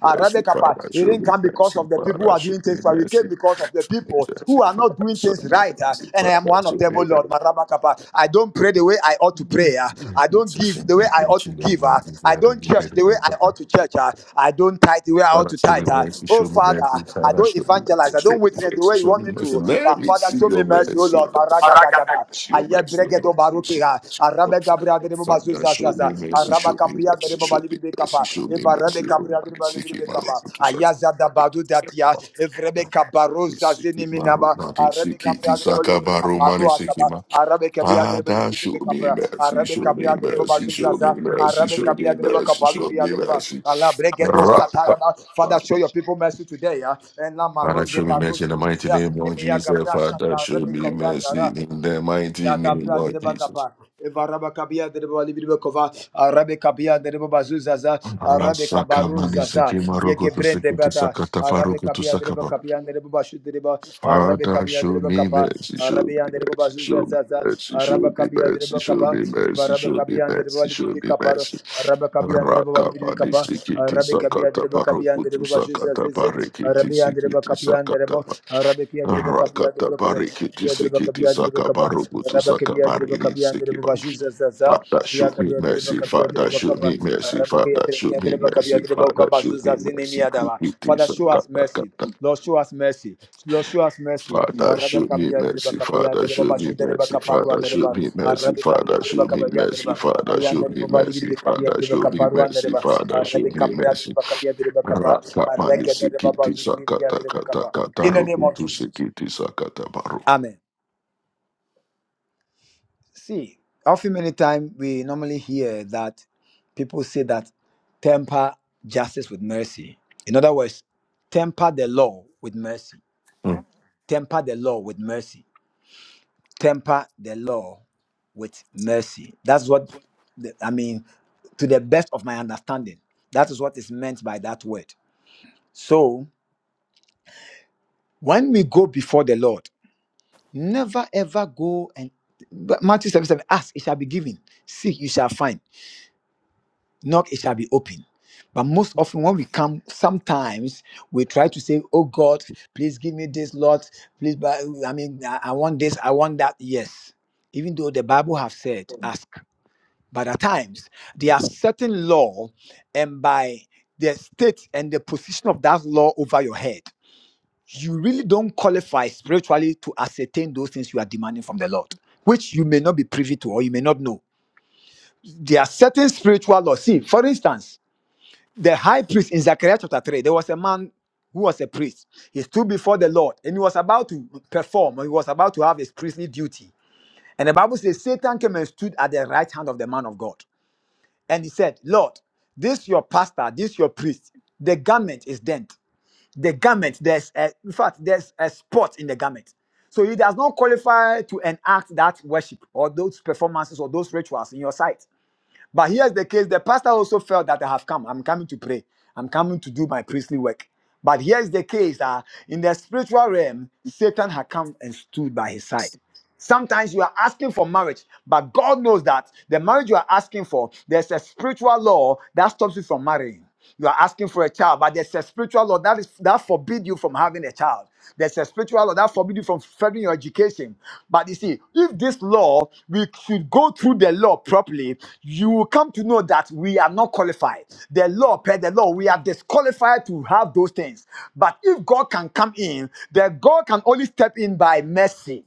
A: like Rebecca, he didn't come because of the people who are doing things right. We came because of the people who are not doing things right, uh, and I am one of. God, Marabakapa. I don't pray the way I ought to pray. uh, I don't give the way I ought to give. uh, I don't church the way I ought to church. uh, I don't tithe the way I ought to. Oh, Father, I don't evangelize. I don't witness the way you want me to. see. Oh, Lord, Maragato Barukiha. Arabe Gabriel, Gabriel, Gabriel, Gabriel, Gabriel, Ayaza da baru da dia, evrebe kabaroza ziniminaba, arabeke, arabe, alabrege. Father, show your people mercy today, yeah. And la maro. Papa, Evaraba Kabia, the Rebbe Libidokova, Arabe Kabia, the Rebbe Bazuzaza, Arabaza, Kabia, the Rebbe Bashu, the Rebbe Azaza, Araba, Evaraba, Araba Kab, Arabe, Arabia, the Arabe Kia, the Rebbe Kabia, the Rebbe Zaza, Nimiada. Show us, Lord, show us mercy. Lord, show us mercy. Amen. See, often many times we normally hear that people say that temper justice with mercy. In other words, temper the law with mercy. Temper the law with mercy. Temper the law with mercy. That's what the, I mean. To the best of my understanding, that is what is meant by that word. So when we go before the Lord, never ever go and but Matthew 7, 7 ask, it shall be given. Seek, you shall find knock it shall be open but most often when we come sometimes we try to say oh god please give me this lord please buy, i mean i I want this i want that yes even though the bible have said but at times there are certain law and by the state and the position of that law over your head you really don't qualify spiritually to ascertain those things you are demanding from the lord which you may not be privy to or you may not know there are certain spiritual laws see for instance the high priest in Zechariah chapter 3, there was a man who was a priest. He stood before the Lord and he was about to perform, or he was about to have his priestly duty. And the Bible says Satan came and stood at the right hand of the man of God. And he said, Lord, this your pastor, this your priest, the garment is dent. The garment, there's a, in fact, there's a spot in the garment. So he does not qualify to enact that worship or those performances or those rituals in your sight. But here's the case the pastor also felt that I have come. I'm coming to pray, I'm coming to do my priestly work. But here's the case uh, in the spiritual realm, Satan had come and stood by his side. Sometimes you are asking for marriage, but God knows that the marriage you are asking for, there's a spiritual law that stops you from marrying. You are asking for a child, but there's a spiritual law that is that forbid you from having a child. There's a spiritual law that forbid you from furthering your education. But you see, if this law we should go through the law properly, you will come to know that we are not qualified. The law, per the law, we are disqualified to have those things. But if God can come in, then God can only step in by mercy.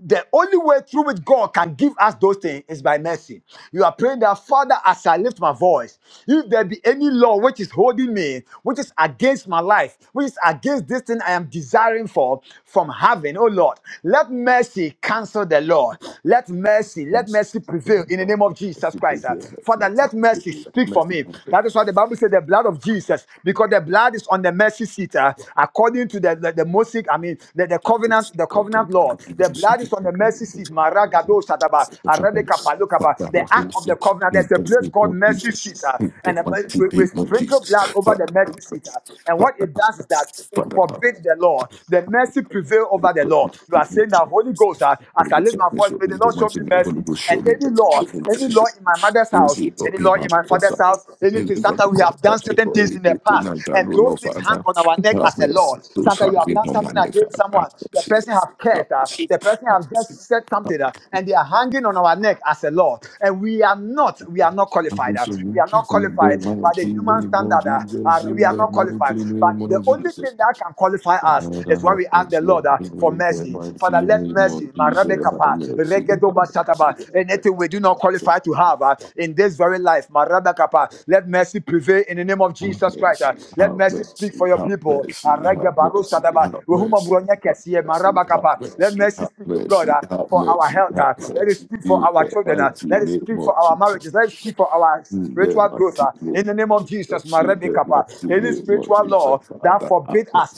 A: The only way through which God can give us those things is by mercy. You are praying that, Father, as I lift my voice, if there be any law which is holding me, which is against my life, which is against this thing I am desiring for from heaven, oh Lord, let mercy cancel the law. Let mercy. Let mercy prevail in the name of Jesus Christ. uh. Father, let mercy speak for me. That is why the Bible said the blood of Jesus, because the blood is on the mercy seat, uh, according to the, the, the Mosaic, I mean the, the covenant, the covenant law. The blood is on the mercy seat. Maragado Shadaba, Arabekapa, Lokapa. The covenant there's a seat. uh. blood over the mercy seat. And what it does is that it takes the law. The mercy prevail over the law. You are saying that Holy Ghost, uh, as I live my mercy, any law, any law in my mother's house. Any law in out anything sometimes we have done on our neck lord the person have cursed us the person have just said something uh, and they are hanging on our neck as a lord and we are not we are not qualified uh, nothing that can qualify us to ask the lord uh, for mercy father let us apart us Chat about anything we do not qualify to have uh, in this very life. Marada Kappa, Let mercy prevail in the name of Jesus Christ. uh, Speak for your people. Maraba Kappa. Let mercy, speak, God. uh, our health. uh, Let it speak for for our marriages. Let it speak for our lives. in the name of Jesus, my ritual law that force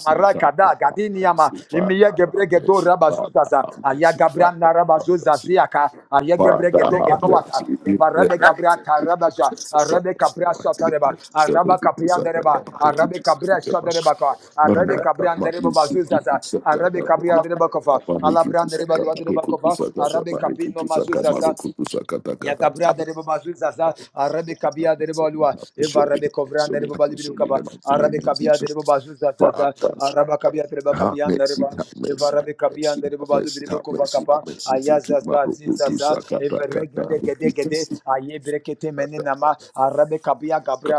A: Marakada, Gadiniama, Imiye Gebregedo Rabazuzaza, Ayagabran Rabazuza Ziaka, Ayagrabata Rabaja, Arabe Capriasota, Araba Capria de Cabria Soderebaca, Arabe Cabria de Rebacova, Babazuzaza, Arabe Cabia de Rebalua, Covran de Rebalibi, Arabe Cabia de Rebazuzaza, Araba Cabia de Rebaca, aye brekete meninama arabe kabia gabre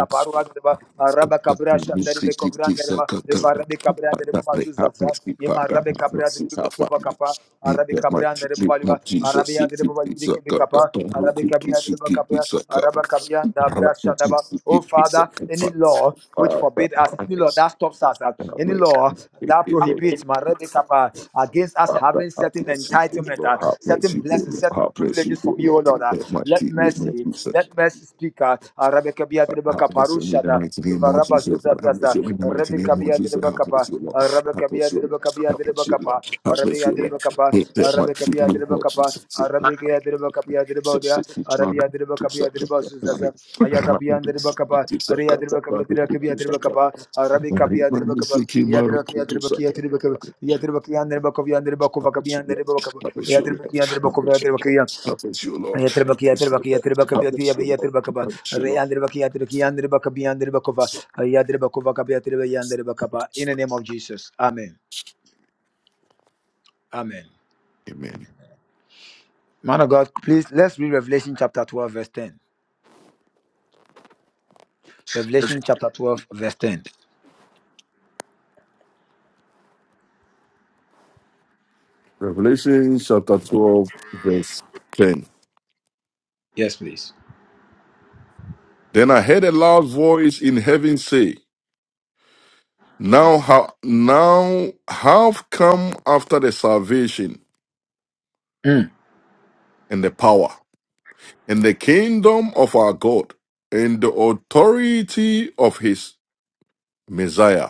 A: kaparu adreba araba arabe kapa adreba kabia any law any law that stops us uh, any law that prohibits my arabe kapa against us entitled from you O Lord let mercy speak uh, arabe kabia adreba kapa arabe kabia adreba kapa kapa adreba kabia adreba adreba kapa kapa kapa arabe adreba kabia adreba kabia adreba kova kabia adreba kabia Yatribaki, Yatribaki, Yatribaka, Yatribaki, Yatribaki, Yatribaki, Yatribaka, In the name of Jesus. Amen. Amen. Man of God, please, let's read Revelation chapter 12, verse 10. Revelation chapter 12, verse 10.
G: Okay.
A: Yes, please.
G: Then I heard a loud voice in heaven say, Now, ha- now have come after the salvation
A: Mm.
G: and the power and the kingdom of our God and the authority of his Messiah,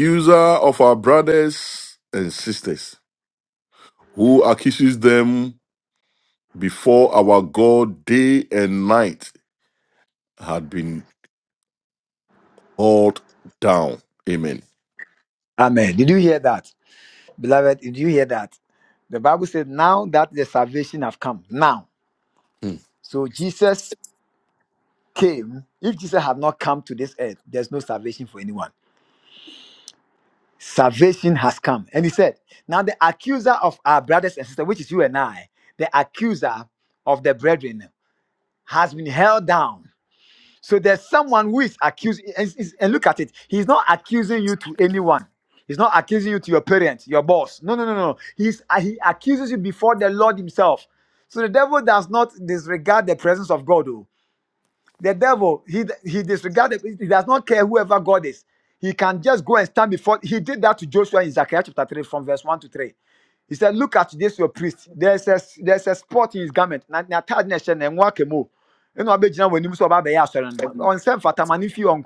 G: user of our brothers and sisters, who accuses them before our God day and night had been called down. Amen.
A: Amen. Did you hear that? Beloved, did you hear that? The Bible said, now that the salvation have come. Now.
G: Hmm.
A: So Jesus came. If Jesus had not come to this earth, there's no salvation for anyone. salvation has come. And he said, Now the accuser of our brothers and sisters, which is you and I, the accuser of the brethren has been held down. So there's someone who is accused. And and- and look at it. He's not accusing you to anyone. He's not accusing you to your parents, your boss. No, no, no, no. He's, uh, he accuses you before the Lord himself. So the devil does not disregard the presence of God. oh. The devil, he he disregarded, he does not care whoever God is. He can just go and stand before. He did that to Joshua in Zechariah chapter 3, from verse 1 to 3. He said, Look at this, your priest. There's a, there's a spot in his garment. Na na tag na ɛhyɛ no, ɛnwa kemo. Ɛna wabɛgyina w'anim sɛ ɔba abɛyɛ asɔre no. Ɔnsɛ mfatammane mfi hɔ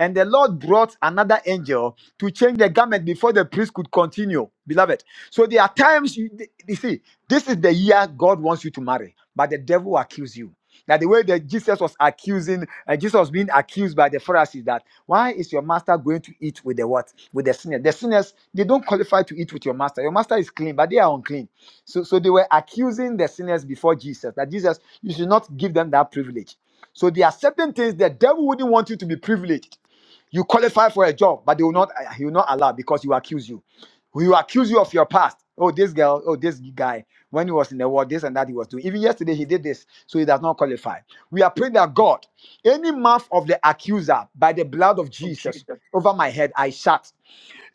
A: And the Lord brought another angel to change the garment before the priest could continue, beloved. So there are times you, you see, this is the year God wants you to marry, but the devil will accuse you. Now, the way that Jesus was accusing, and Jesus was being accused by the Pharisees, that why is your master going to eat with the what? With the sinners. The sinners, they don't qualify to eat with your master. Your master is clean, but they are unclean. So, so they were accusing the sinners before Jesus that Jesus, you should not give them that privilege. So there are certain things the devil wouldn't want you to be privileged. You qualify for a job, but they will not he will not allow because you accuse you. He will accuse you of your past. Oh, this girl, oh, this guy, when he was in the world, this and that he was doing. Even yesterday he did this, so he does not qualify. We are praying that God, any mouth of the accuser by the blood of Jesus over my head, I shut.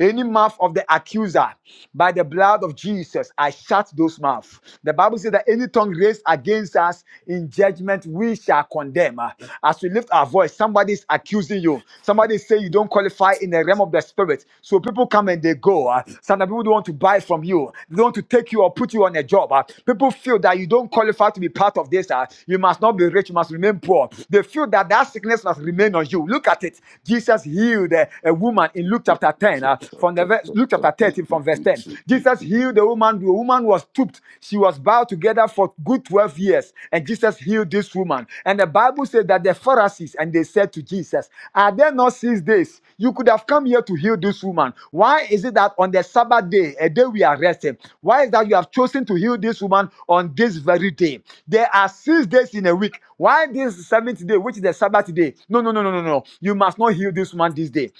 A: Any mouth of the accuser by the blood of Jesus, I shut those mouths. The Bible says that any tongue raised against us in judgment, we shall condemn. Uh, As we lift our voice, somebody is accusing you. Somebody say you don't qualify in the realm of the spirit. So people come and they go. Uh, Some people don't want to buy from you. They don't want to take you or put you on a job. Uh, People feel that you don't qualify to be part of this. Uh, You must not be rich. You must remain poor. They feel that that sickness must remain on you. Look at it. Jesus healed uh, a woman in Luke chapter 10 uh, from the verse, Luke chapter 13 from verse 10. Jesus healed the woman. The woman was stooped. She was bowed together for good 12 years. And Jesus healed this woman. And the Bible says that the Pharisees and they said to Jesus, Are there not six days? You could have come here to heal this woman. Why is it that on the Sabbath day, a day we are resting, why is that you have chosen to heal this woman on this very day? There are six days in a week. Why this seventh day, which is the Sabbath day? No, no, no, no, no, no. You must not heal this woman this day.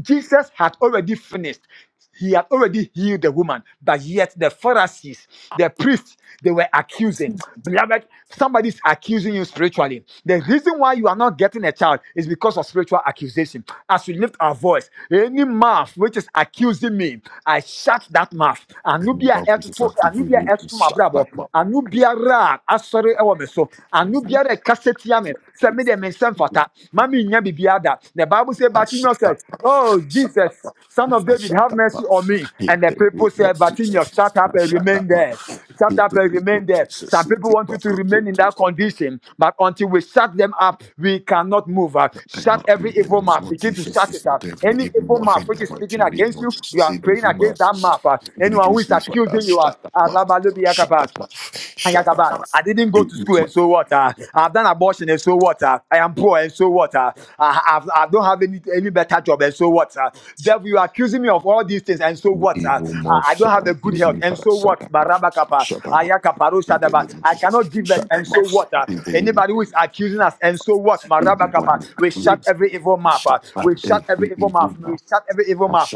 A: Jesus had already finished. He had already healed the woman, but yet the Pharisees, the priests, they were accusing. Beloved, somebody's accusing you spiritually. The reason why you are not getting a child is because of spiritual accusation. As we lift our voice, any mouth which is accusing me, I shut that mouth. Anubia to brabo anu biara asore ewo meso. anu biara kaseti ame. Se me de me fata ma me nya biribiara da the bible say bartimaeus said oh jesus son of david have mercy on me Who said bartimaeus shut up and remain there shut up and remain there some people want you to remain in that condition but until we shut them up we cannot move Uh, shut every evil mouth you shut it up any evil mouth which is speaking against you you are against that mouth. uh, Anyone who is accusing you, uh, Yagabat. I didn't go to school and so what? Uh, I've done abortion and so what? Uh, I am poor and so what? Uh, I, I've, I don't have any, any better job and so what? Uh, devil, you are accusing me of all these things and so what? I don't have a and so what? Baraba kapa, ayakaparo kaparo shadaba. I cannot give what? Uh, anybody who is accusing us and so what? Maraba, we shut every evil mouth. Uh, shut every shut every evil mouth.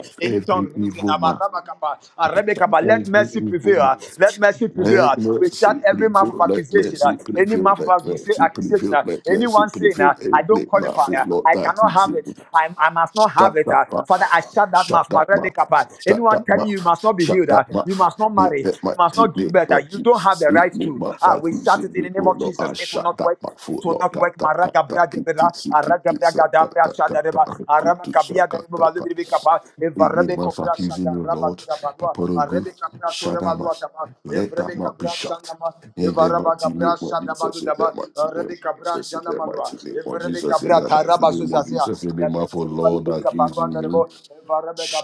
A: Kapa, uh, Rebecca, but let me prevail. uh, Let mercy prevail. Any man who say I, I, must not have. Father, I shut that mouth. Kapa. You must not be healed. You must not marry. You don't have the right. Aragadabra shadareba, aramakabiya dareba, lubikapa, evarabadwa, kabra, taba, nama, kabra, arabazu, evarabeka,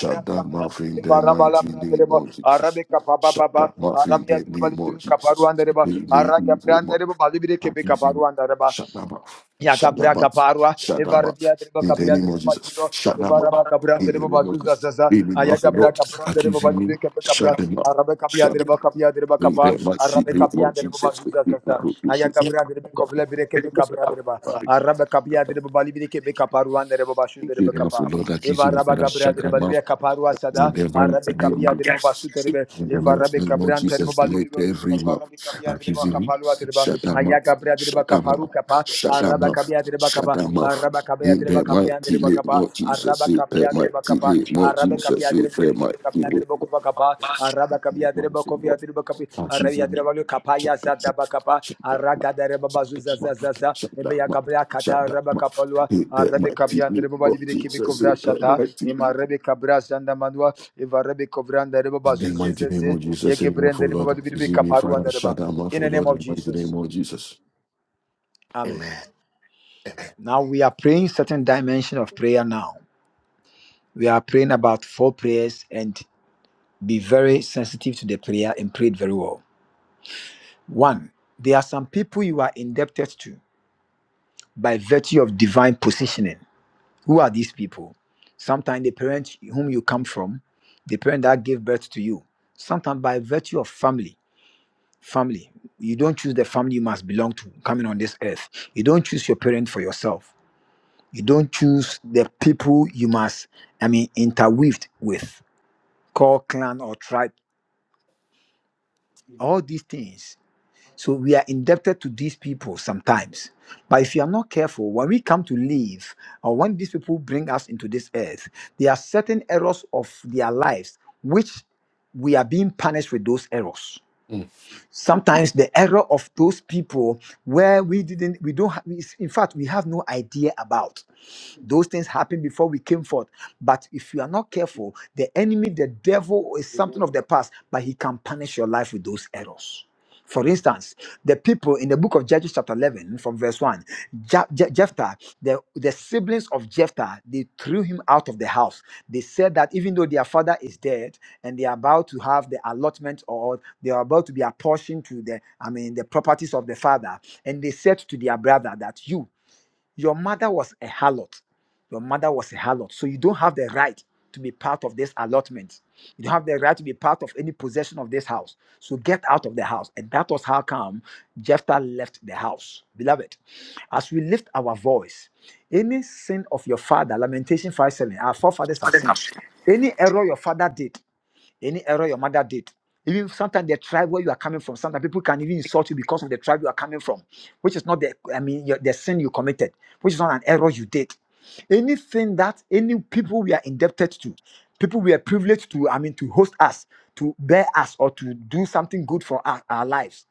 A: evarabalabra, arabeka, bababa, kaparua, ndereba, ebaba, libireke, kaparua, ndereba, yakabra, kaparua, evarabiya, dereba, kabra, ndereba, zaza, arabeka, biya, dereba, kabiya, dereba, kapa, arabeka, libireke, arabeka, biya, dereba, libireke, bekaparua, ndereba, bashu, kaparua, sada, Amen.
H: Amen. Amen.
A: Now we are praying certain dimension of prayer now. We are praying about four prayers and be very sensitive to the prayer and pray it very well. One, there are some people you are indebted to by virtue of divine positioning Who are these people? Sometimes the parent whom you come from, the parent that gave birth to you, sometimes by virtue of family, family. You don't choose the family you must belong to coming on this earth. You don't choose your parent for yourself. You don't choose the people you must, I mean, interweaved with, call clan or tribe. All these things, they are errors of their lives, which we are being punished. Some people, when we don't, have, in fact, we have no idea about those things happen The enemy did something of the past, but he can punish your life with those errors. For instance, the people in the book of Judges, chapter 11, from verse 1, Ja- Je- Jephthah, the, the siblings of Jephthah, they threw him out of the house. They said that even though their father is dead and they are about to have the allotment or they are about to be apportioned to the, I mean, the properties of the father, and they said to their brother that you, your mother was a harlot. Your mother was a harlot. So you don't have the right to be part of this allotment. You don't have the right to be part of any possession of this house. So get out of the house. And that was how come Jephthah left the house. Beloved, as we lift our voice, any sin of your father, Lamentation 5 7, our forefathers, have- any error your father did, any error your mother did. Even sometimes the tribe where you are coming from, sometimes people can even insult you because of the tribe you are coming from, which is not the I mean your, the sin you committed, which is not an error you did. Anything that any people we are indebted to, people we are privileged to, I mean to host us, to bear us, or to do something good for our, our lives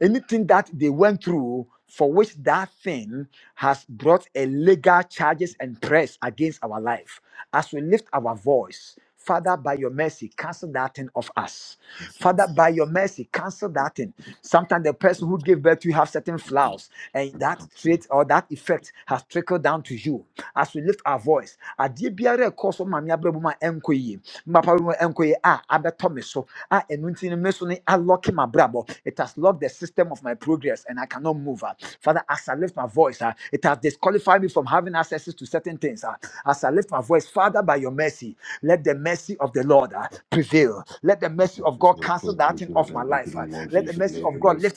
A: anything that they went through for which that thing has brought a legal charges and press against our life as we lift our voice father by your mercy cancel that thing off us Father, by your mercy, cancel that thing. Sometimes the person who gave birth to you have certain flaws, and that trait or that effect has trickled down to you. As we lift our voice, adeɛ biara a ɛkɔɔ so ma me abrabɔ mu a ɛnkɔ yie, me papa abrabɔ mu a ɛnkɔ yie a abɛtɔ me so, a ɛno nti no me so ne alɔke m'abrabɔ. It has locked the system of my progress, and I cannot move. ah. Father, as I lift my voice, ah, it has disqualified me from having access to certain things. ah. As I lift my voice, Father, by your mercy, let the mercy of the Lord ah, prevail. Let the mercy of God cancel that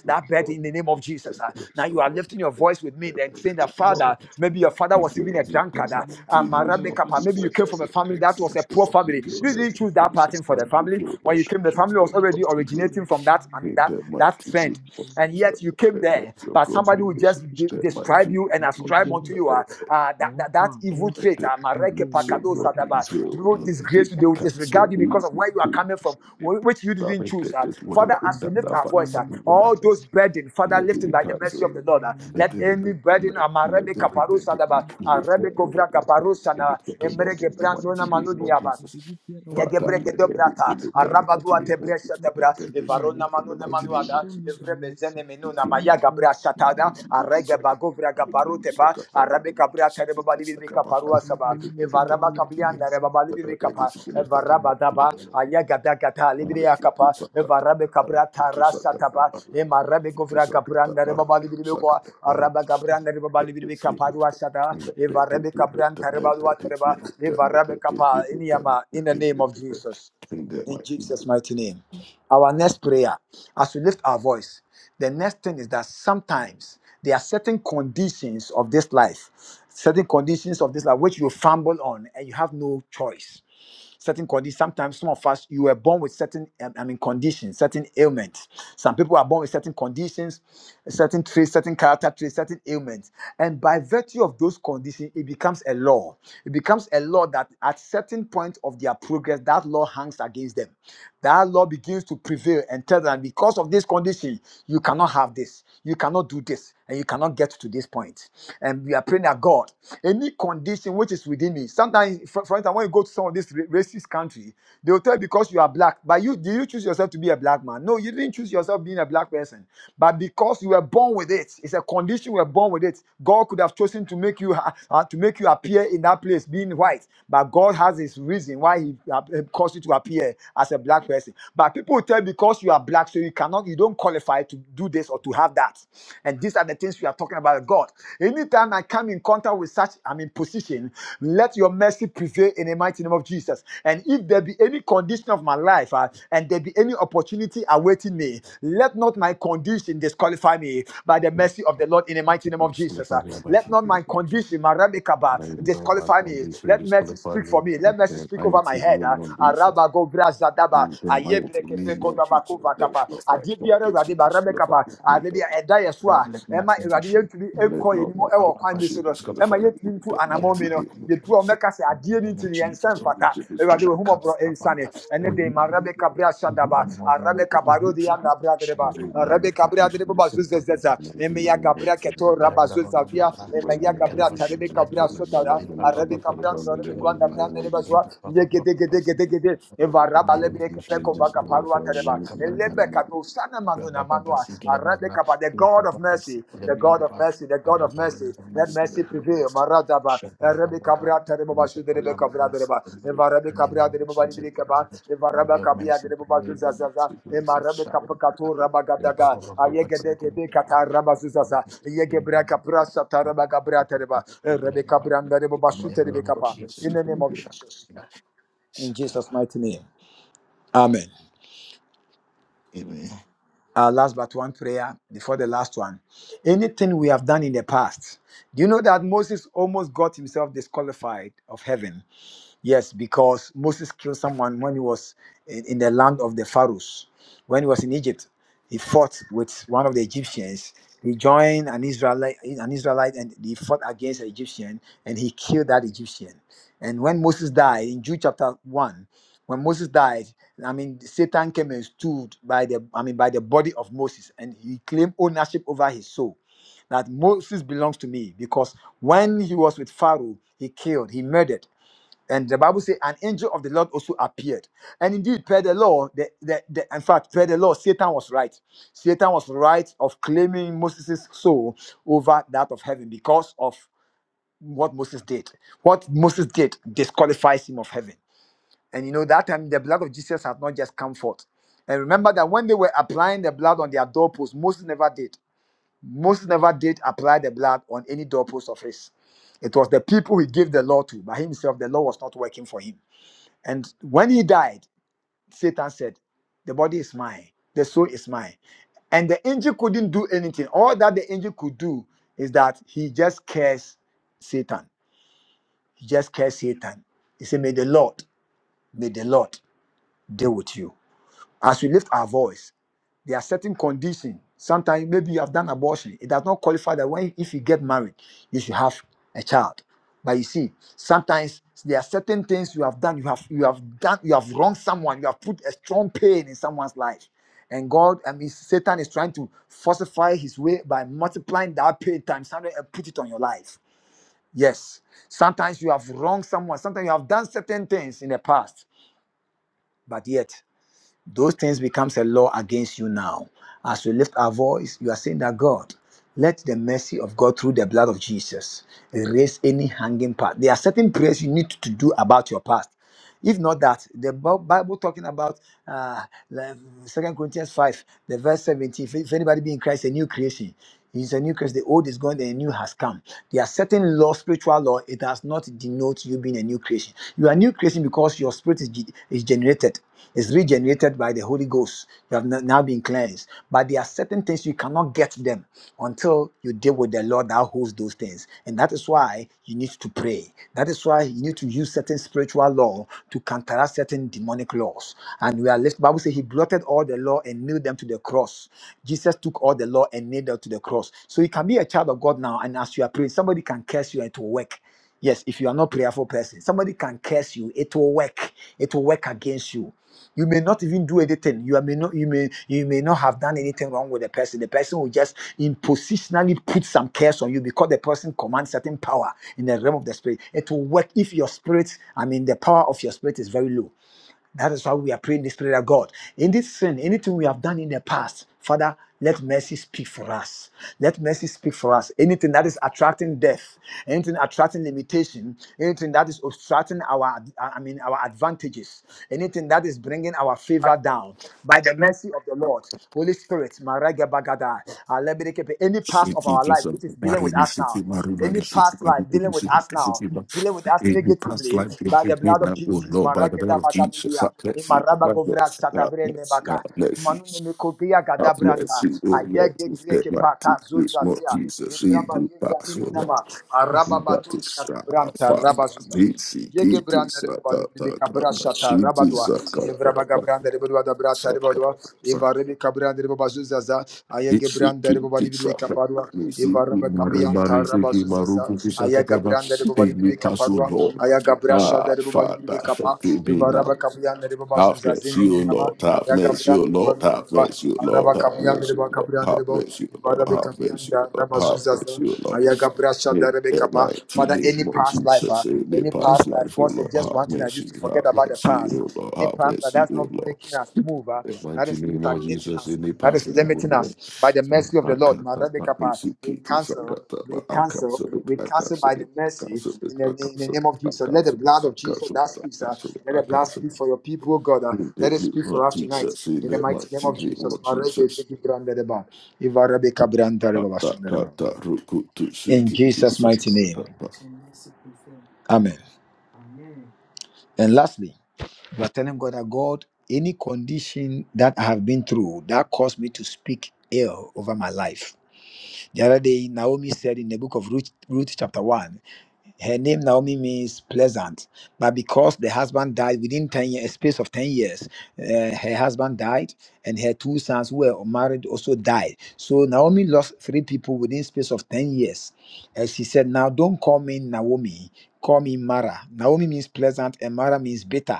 A: that burden in the name of Jesus. Now you are lifting your voice with me, saying that
F: Kasa Iwade
A: Father,
F: Kasa
A: maybe your
F: Iwade
A: father
F: Kasa.
A: was
F: In the
A: um,
F: mighty name of
A: maybe
F: Jesus.
A: you came from a family that was a
F: Jesus
A: poor
F: Kasa
A: family.
F: Jesus
A: You
F: Kasa
A: choose that
F: Jesus
A: pattern for the
F: Kasa.
A: family. When you came, the
F: Shoki
A: family was
F: Babaita
A: already originating
F: Sanatoria
A: from that. I mean,
F: Mama
A: that trend, and
F: Sanatoria.
A: yet you came there, but
F: The
A: somebody will
F: relationship
A: just
F: is
A: de-
F: to the evil.
A: describe you and
F: Like the
A: ascribe unto
F: Abiara.
A: you uh, uh, that, that that
F: Opa.
A: evil
F: Egg.
A: trait. Uh, Mareke Paka,
F: Purple. Iwade Kasa.
A: disgrace you, they will
F: Kasa
A: disregard you
F: Iwade
A: because of
F: Kasa
A: where you are coming
F: Iwade
A: from,
F: Kasa.
A: which you didn't. Father,
F: In the mighty name of
A: all those
F: Jesus.
A: burdens, Father, lift
F: Iwade Kasa
A: the Lord. uh, Let
F: Iwade
A: any burden amarebe
F: Kasa
A: kaparusha daba
F: Iwade Kasa
A: areba
F: Iwade Kasa.
A: na
F: Jesus,
A: ebra
F: I Jesus, I said, did you hear on Pam here? Please, you,
A: ebra
F: please forgive
A: eva
F: me. I will show me the
A: evzene
F: mercy.
A: menu na
F: Oh,
A: maya
F: Lord,
A: gabra
F: show me
A: da
F: the mercy.
A: arege bagovra
F: In
A: gaparute pa arabe kabra tere baba libi bi
F: the
A: kaparua saba eva
F: mighty
A: raba
F: name of
A: kabian na reba
F: Jesus.
A: bali bi daba aya gada gata libi ya kapa eva rabe kabra tarasa taba ema rabe govra gabra na reba bali bi ko araba gabra na reba bali bi arua sada eva reba tareba Eva Kapa, in in the name of Jesus. Jesus' mighty name. Our next prayer, as we lift our voice, the next thing is that sometimes there are certain conditions of this life, certain conditions of this life which you fumble on and you have no choice certain conditions. Sometimes some of us, you were born with certain, um, I mean, conditions, certain ailments. Some people are born with certain conditions, certain traits, certain character traits, certain ailments. And by virtue of those conditions, it becomes a law. It becomes a law that at certain point of their progress, that law hangs against them. That law begins to prevail and tell them because of this condition, you cannot have this, you cannot do this, and you cannot get to this point. And we are praying that God any condition which is within me. Sometimes, for, for instance, when you go to some of this ra- racist country, they will tell you because you are black. But you did you choose yourself to be a black man? No, you didn't choose yourself being a black person. But because you were born with it, it's a condition you were born with it. God could have chosen to make you ha- uh, to make you appear in that place being white, but God has His reason why He uh, uh, caused you to appear as a black person. But people will tell you because you are black, so you cannot, you don't qualify to do this or to have that. And these are the things we are talking about, God. Anytime I come in contact with such, I'm in position, let your mercy prevail in the mighty name of Jesus. And if there be any condition of my life uh, and there be any opportunity awaiting me, let not my condition disqualify me by the mercy of the Lord in the mighty name of Jesus. Let not my condition, my rabikaba, disqualify me. Let mercy for me. Let mercy speak over my head. uh, Araba go bra zadaba, kodaba kova rebeka pa ade bi a ɛda yɛ so
H: Lord,
A: a
H: let my
A: ɛma awurade
H: condition
A: yɛntumi ɛkɔ yɛn mu
H: be up, up,
A: kwan
H: up,
A: bi so
H: see,
A: no
H: da, da,
A: ɛma
H: da,
A: yɛntumi ntu
H: get
A: anammɔn
H: it,
A: mi
H: but,
A: no
H: uh,
A: a ɔmɛka sɛ
H: In the
A: adeɛ ni
H: name
A: ti
H: of
A: ni yɛn
H: Jesus,
A: nsa
H: oh God,
A: mfata awurade
H: shut
A: wɔ
H: up,
A: humɔborɔ
H: up, up, up,
A: nsane
H: up,
A: ɛne
H: spirit
A: de
H: of the
A: ma
H: Lord,
A: rebeka bere ahyɛ daba
H: run, run, run, run,
A: rebeka
H: run,
A: A
H: run,
A: de yɛ
H: run.
A: ana bere adere
H: Shut
A: ba
H: up, up, up,
A: rebeka
H: up,
A: bere adere ba zo zɛzɛza ɛmɛ
H: up, up,
A: ya gabere kɛtɔ
H: get it,
A: raba
H: but, uh,
A: zo
H: but, but,
A: zavia
H: but, uh, get
A: gabere
H: it, but,
A: ata
H: she, get
A: rebeka
H: it, but,
A: bere
H: uh,
A: asota ra
H: be, up, up, up, up, up, see, get it, but, uh, but, uh, be,
A: so a
H: up, up,
A: yɛ
H: up, up, up, up, see, get it,
A: gedegedegedegede
H: but, uh,
A: eva
H: in
A: raba
H: the name of Jesus, oh God, shut up, up, up, up, In the
A: the God of mercy, the God of mercy, the God of mercy. Let mercy prevail. Maradaba, Arabicabria, Tereboba, Shuderebeca, Vradereba, Evarabicabria,
H: name of
A: Dereboba,
H: Jesus,
A: Nibicaba,
H: may your
A: Evarabacabia,
H: mercy be
A: Dereboba,
H: made us.
A: Zuzazaza,
H: Jesus, shout
A: Emarabica.
H: out to God.
A: Kato rabagadaga ayegede gede kata rabazuzaza yegebra kapra satarabaga gabra tereba rebeka branda rebo
H: In
A: basu
H: the
A: terebe
H: name of
A: kap-
H: Jesus, shout out to God.
A: in
H: Shout out
A: Jesus mighty name amen
H: Amen.
A: our last but one prayer before the last one. Anything we have done in the past. Do you know that Moses almost got himself disqualified of heaven? Yes, because Moses killed someone when he was in, in the land of the Pharaohs. When he was in Egypt, he fought with one of the Egyptians. He joined an Israelite, an Israelite, and he fought against an Egyptian, and he killed that Egyptian. And when Moses died in Jude chapter one, when Moses died, I mean Satan came and stood by the, I mean by the body of Moses, and he claimed ownership over his soul that Moses belongs to me because when he was with Pharaoh, he killed, he murdered. And the Bible says, an angel of the Lord also appeared. And indeed, per the law, the, the, the, in fact, per the law, Satan was right. Satan was right of claiming Moses' soul over that of heaven because of what Moses did. What Moses did disqualifies him of heaven. And you know, that time the blood of Jesus had not just come forth. And remember that when they were applying the blood on their doorposts, Moses never did. Moses never did apply the blood on any doorpost of his. It was the people he gave the law to. By himself, the law was not working for him. And when he died, Satan said, The body is mine, the soul is mine. And the angel couldn't do anything. All that the angel could do is that he just cursed Satan. He just cursed Satan. He said, May the Lord, may the Lord deal with you. As we lift our voice, there are certain conditions. Sometimes maybe you have done abortion. It does not qualify that when if you get married, you should have a child. But you see, sometimes there are certain things you have done. You have you have done you have wronged someone. You have put a strong pain in someone's life. And God, I mean, Satan is trying to falsify his way by multiplying that pain times hundred and put it on your life. Yes. Sometimes you have wronged someone. Sometimes you have done certain things in the past. But yet, those things becomes a law against you now as we lift our voice you are saying that god let the mercy of god through the blood of jesus erase any hanging part there are certain prayers you need to do about your past if not that the Bi- bible talking about uh like, second corinthians 5 the verse 17 if if anybody be in christ a new creation He's a new creation. The old is gone, the new has come. There are certain law, spiritual law. It does not denote you being a new creation. You are a new creation because your spirit is, ge- is generated, is regenerated by the Holy Ghost. You have n- now been cleansed. But there are certain things you cannot get them until you deal with the Lord that holds those things. And that is why you need to pray. That is why you need to use certain spiritual law to counteract certain demonic laws. And we are left, Bible says he blotted all the law and nailed them to the cross Jesus took all the law and nailed it to the cross. So you can be a child of God now, and as you are praying, somebody can curse you and it will work. Yes, if you are not prayerful person, somebody can curse you. It will work. It will work against you. You may not even do anything. You are- may not. You may. You may not have done anything wrong with the person. The person will just impositionally put some curse on you because the person commands certain power in the realm of the spirit. It will work if your spirit. I mean, the power of your spirit is very low. That is why we are praying this prayer, God. In this sin, anything we have done in the past, Father, let mercy speak for us. Let mercy speak for us. Anything that is attracting death, anything attracting limitation, anything that is obstructing our, I mean, our advantages, anything that is bringing our favor down. By the hand of the Lord, Holy Spirit, Maraga Bagada, Alebedekepe, any past or past us now, dealing with us. Marabago Satabaka, Nemekobia Gadaba, Araba Brand. Abra- Shanda, Rebelwa, Dabra, Ivarebe kabriyande reba bazu zaza. Aya gebriyande reba ba- Aya gabriyasha kabriyande reba bazu zaza reba kabriyanda. Aya gabriyasha past life. Forget about the us, move. ah. That is by the mercy of the Lord. Marebe the mercy in the name of Jesus. Let the blood of Jesus. Let the blood speak for your people, oh God. ah. In the name of Jesus. Ibrande reba. Ivarebe kabriyande reba. In Jesus' mighty name. Amen. And lastly, you are telling God that God, any condition that I have been through that caused me to speak ill over my life The other day, Naomi said in the book of Ruth, Ruth chapter 1 her name Naomi means pleasant, but because the husband died within 10 years, a space of 10 years, uh, her husband died and her two sons who were married also died. So Naomi lost three people within space of 10 years. And she said, Now don't call me Naomi, call me Mara. Naomi means pleasant and Mara means bitter.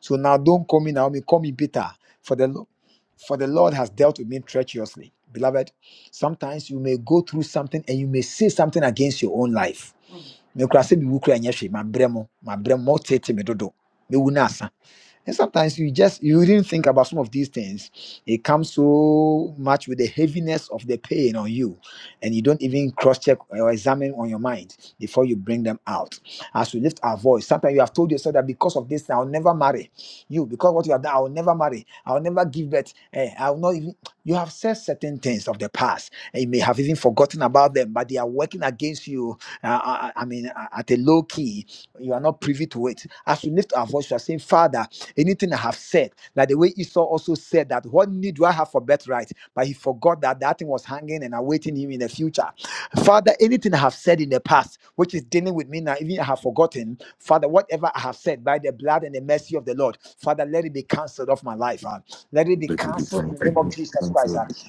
A: So now don't call me Naomi, call me bitter. For the Lord, for the Lord has dealt with me treacherously. Beloved, sometimes you may go through something and you may say something against your own life mekura sɛ mewu kora nyɛ hwee mabrɛ mo mabrɛ mo tete me dodo mɛwu no and sometimes you just you didn't think about some of these things. It comes so much with the heaviness of the pain on you, and you don't even cross-check or examine on your mind before you bring them out. As we lift our voice, sometimes you have told yourself that because of this, I'll never marry you. Because what you have done, I'll never marry. I'll never give birth. Eh, I'll not even. You have said certain things of the past, and you may have even forgotten about them, but they are working against you. uh, uh, uh, I mean, uh, at a low key, you are not privy to it. As we lift our voice, you are saying, Father. Anything I have said, like the way Esau also said that, what need do I have for birthright? But he forgot that that thing was hanging and awaiting him in the future. Father, anything I have said in the past, which is dealing with me now, even I have forgotten, Father, whatever I have said by the blood and the mercy of the Lord, Father, let it be cancelled off my life. ah. Let it be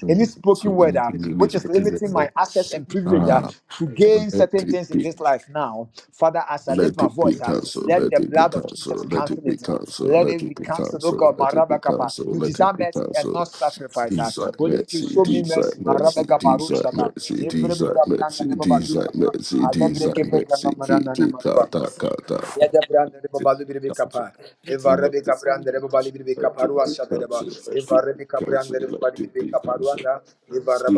A: any spoken access and privilege against this life now, Father, as I sacrifice. I-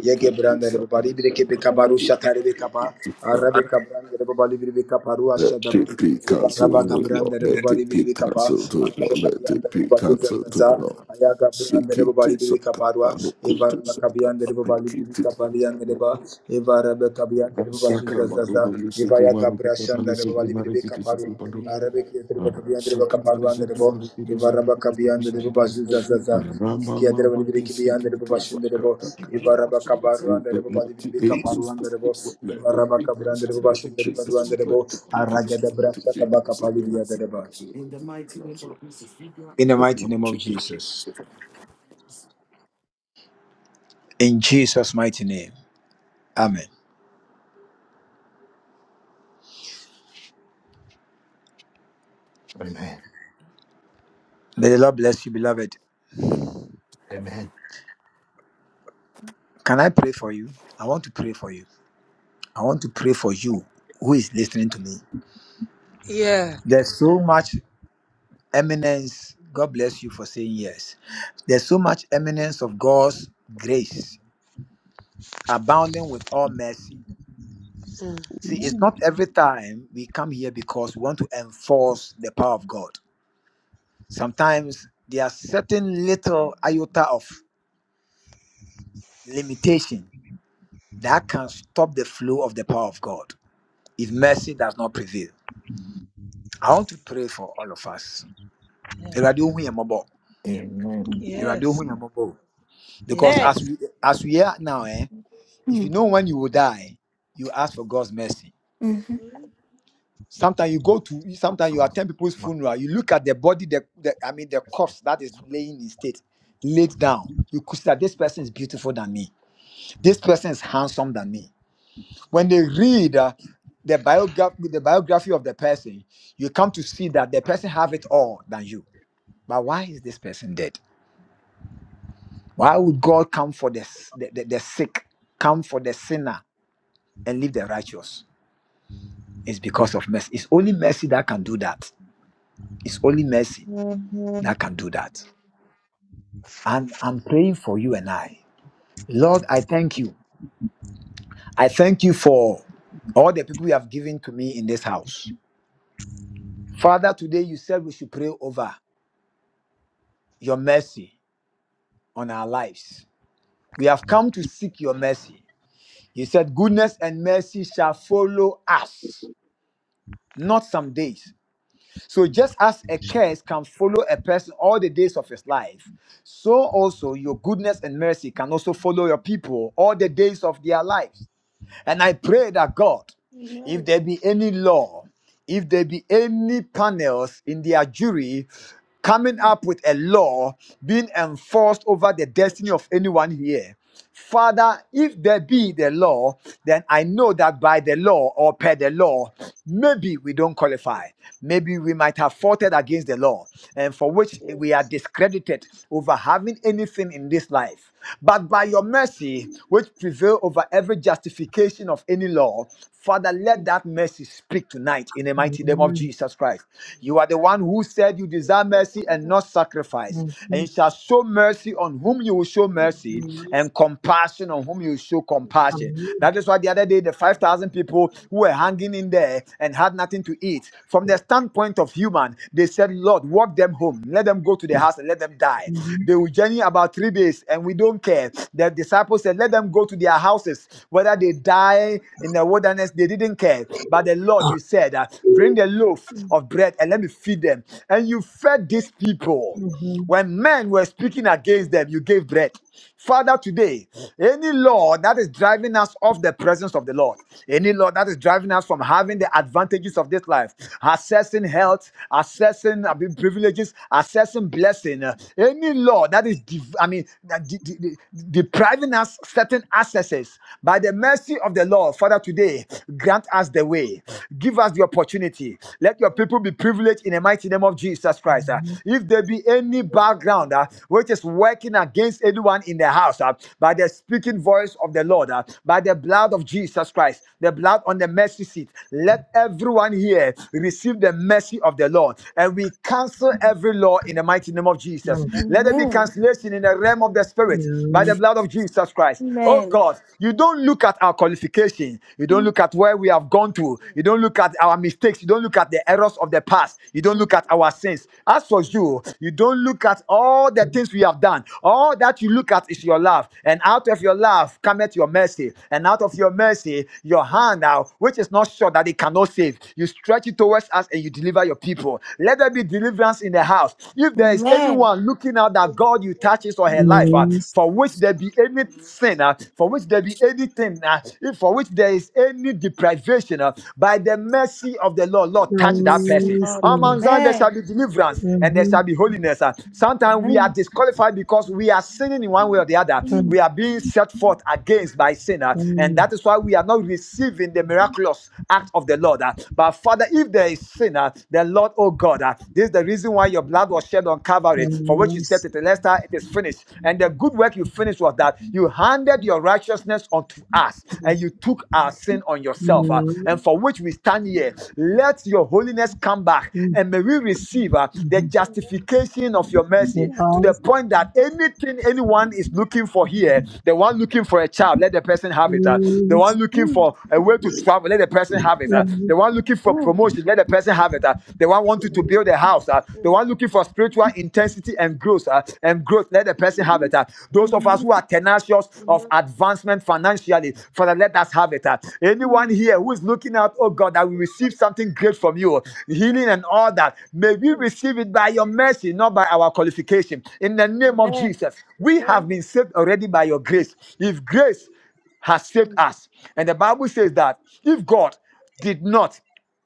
A: Yeke branda le baba libre ke be shatare be Branda le baba libre be ashaza. Ayaga be kabarwa. le baba libre kabariyanda le ba. Eva rabe kabiyanda. Eva yaga. Arabe ki yandere baba le baba bo. Eva raba kabiyanda le baba zuza zaza. Yandere baba ki biyanda le baba le bo. Eva raba kabarwa. Eva raba kabiyanda le baba shinde le bo. Araga de brasa kapali biyanda le ba. In the mighty name of Jesus. In Jesus' mighty name. Amen.
H: Amen.
A: May the Lord bless you, beloved.
H: Amen.
A: Can I pray for you? I want to pray for you. I want to pray for you who is listening to me.
B: Yeah.
A: There's so much eminence. God bless you for saying yes. There's so much eminence of God's grace, abounding with all mercy. See, it's not every time we come here because we want to enforce the power of God. Sometimes there are certain little iota of limitation that can stop the flow of the power of God if mercy does not prevail. I want to pray for all of us. Awurade ohu yɛn mmɔbɔ.
H: Amen.
A: Awurade ohu
B: yes
A: yɛn mmɔbɔ o. Because
B: yes
I: Amen.
A: we, as we are now, eh, if you die, you
I: Mm-hmm.
J: Mm.
A: sometimes you go to sometimes you attend people's funeral, you look at the body, the, the I mean the
H: That's
A: corpse that is
H: not-
A: laying in state, laid down. You could say that this person is beautiful than me. This person is handsome than me. When they read uh, the biography, the biography of the person, you come to see that the person have it all than you. But why is this person dead? Why would God come for the, s- the, the, the sick, come for the sinner, and leave the righteous? It's because of mercy. It's only mercy that can do that. It's only mercy
J: Amen.
A: that can do that. And I'm praying for you and I. Lord, I thank you. I thank you for all the people you have given to me in this house. Father, today you said we should pray over your mercy on our lives. We have come to seek your mercy. You said, Goodness and mercy shall follow us, not some days So just as a curse can follow a person all the days of his life, so also your goodness and mercy can also follow your people all the days of their lives. And I pray that God, if
J: Mm.
A: there be any law, if there be any panels in their jury coming up with a law being enforced over the destiny
J: Ouch.
A: of anyone here, Father, if there be
J: Mm.
A: the law, then I know that by the law or per the law, maybe we don't qualify.
J: Mm.
A: Maybe we might have fought against the law and for which we are
J: Yes.
A: discredited over having anything in this life. But by your
J: Mm.
A: mercy, which prevail over every justification of any law, Father, let
J: Mm.
A: that mercy speak tonight in the mighty name of Jesus Christ. You are the one who said you desire mercy and
J: Amen.
A: not sacrifice, and you shall show mercy on whom you will show
J: Mm.
A: mercy, and
C: yes,
A: compassion on whom you will show
J: Mm.
A: compassion. That is why the other day, the 5,000 people who were hanging in there and had nothing to eat, from the standpoint of human, they said, Lord, walk them home. Let them go to the house and let them die. They will journey about three days and we don't care. The disciples said, Let them go to their houses. Whether they die in the wilderness, they didn't care. But the Lord, you said, uh, Bring the loaf of bread and let me feed them. And you fed these people. When men were speaking against
J: Mm.
A: them, you gave bread. Father, today, any law that is driving us off the presence of the Lord, any law that is driving us from having
J: Mm.
A: the advantages of this life, accessing health, accessing I privileges, accessing blessing, uh, any law that is, div- I mean, that de- de- de- depriving us certain accesses, by the mercy of the Lord, Father, today, grant us the way, give us the opportunity. Let your
J: Mm.
A: people be privileged in the mighty name of Jesus Christ. Uh, if there be any
J: Amen.
A: background uh, which is working against anyone in the house, uh, by the speaking voice of the Lord, uh, by the blood of Jesus Christ, the blood on the mercy seat, let everyone here receive the mercy of the Lord. And we cancel every law in the
J: Amen.
A: mighty
J: Mm. Amen.
A: name of Jesus. Let there be
I: Amen.
A: cancellation in the realm of
J: Amen.
A: the Spirit by the blood of Jesus Christ. Oh
I: Amen.
A: God, you don't look at our qualification. You don't
I: Amen.
A: look at where we have gone to.
J: Mm.
A: You don't look at our mistakes. You don't look at the errors of the past. You don't look at our our sins. As for you, you don't look at all the things we have done. All that you look at is your love. And out of your love cometh your mercy. And out of your mercy, your hand now, which is not sure that it cannot save. You stretch it towards us and you deliver your people. Let there be deliverance in the house. If there is
I: Amen.
A: anyone looking out that God you touch his or her life, uh, for which there be any sin, uh, for which there be anything, uh, if for which there is any deprivation, uh, by the mercy of the Lord, Lord, touch that
I: Yes,
A: person.
I: Lord.
C: Lord.
A: Among them there shall
I: Amen.
A: be deliverance and there shall be holiness. Uh, Sometimes we are
I: Amen.
A: disqualified because we are sinning in one way or the other.
C: Mm-hmm.
I: Amen.
A: We are being set forth against by sin, uh, and
C: and
A: that is why we are not receiving the miraculous act of the Lord. uh. But Father, if there is sin, uh, the Lord, oh God, uh, this is the reason why your blood was shed on Calvary, for which you said
C: various
A: it, Lester, it is finished. And the good work you finished was that you handed your righteousness unto us, and you took our sin on yourself, uh,
C: Mmm.
A: and for which we stand here year. Let your holiness come back
C: Mmm.
A: and may we receive uh, the
C: Mmm.
A: justification of your mercy to the point that anything anyone is looking for here, the one looking for a child, let the person have it. uh, the
C: in
A: one looking
I: Amen. Amen.
A: for a way to travel, let the person have it. uh, the one looking for promotion, let the person have it. uh, the one wanting to build a house, uh, the one looking for spiritual intensity and growth, uh, and growth, let the person have it. uh, those
I: Amen.
A: of us who
I: Amen.
A: are tenacious of advancement financially, Father, let us have it. uh, anyone anyone
I: Mm.
A: here who is looking out, oh God, that will receive something great from you, healing and all that. May we receive it by your mercy, not by our qualification. In the name of
I: Amen.
A: Jesus, we have been saved already by your grace. If grace has saved us, and the Bible says that if God did not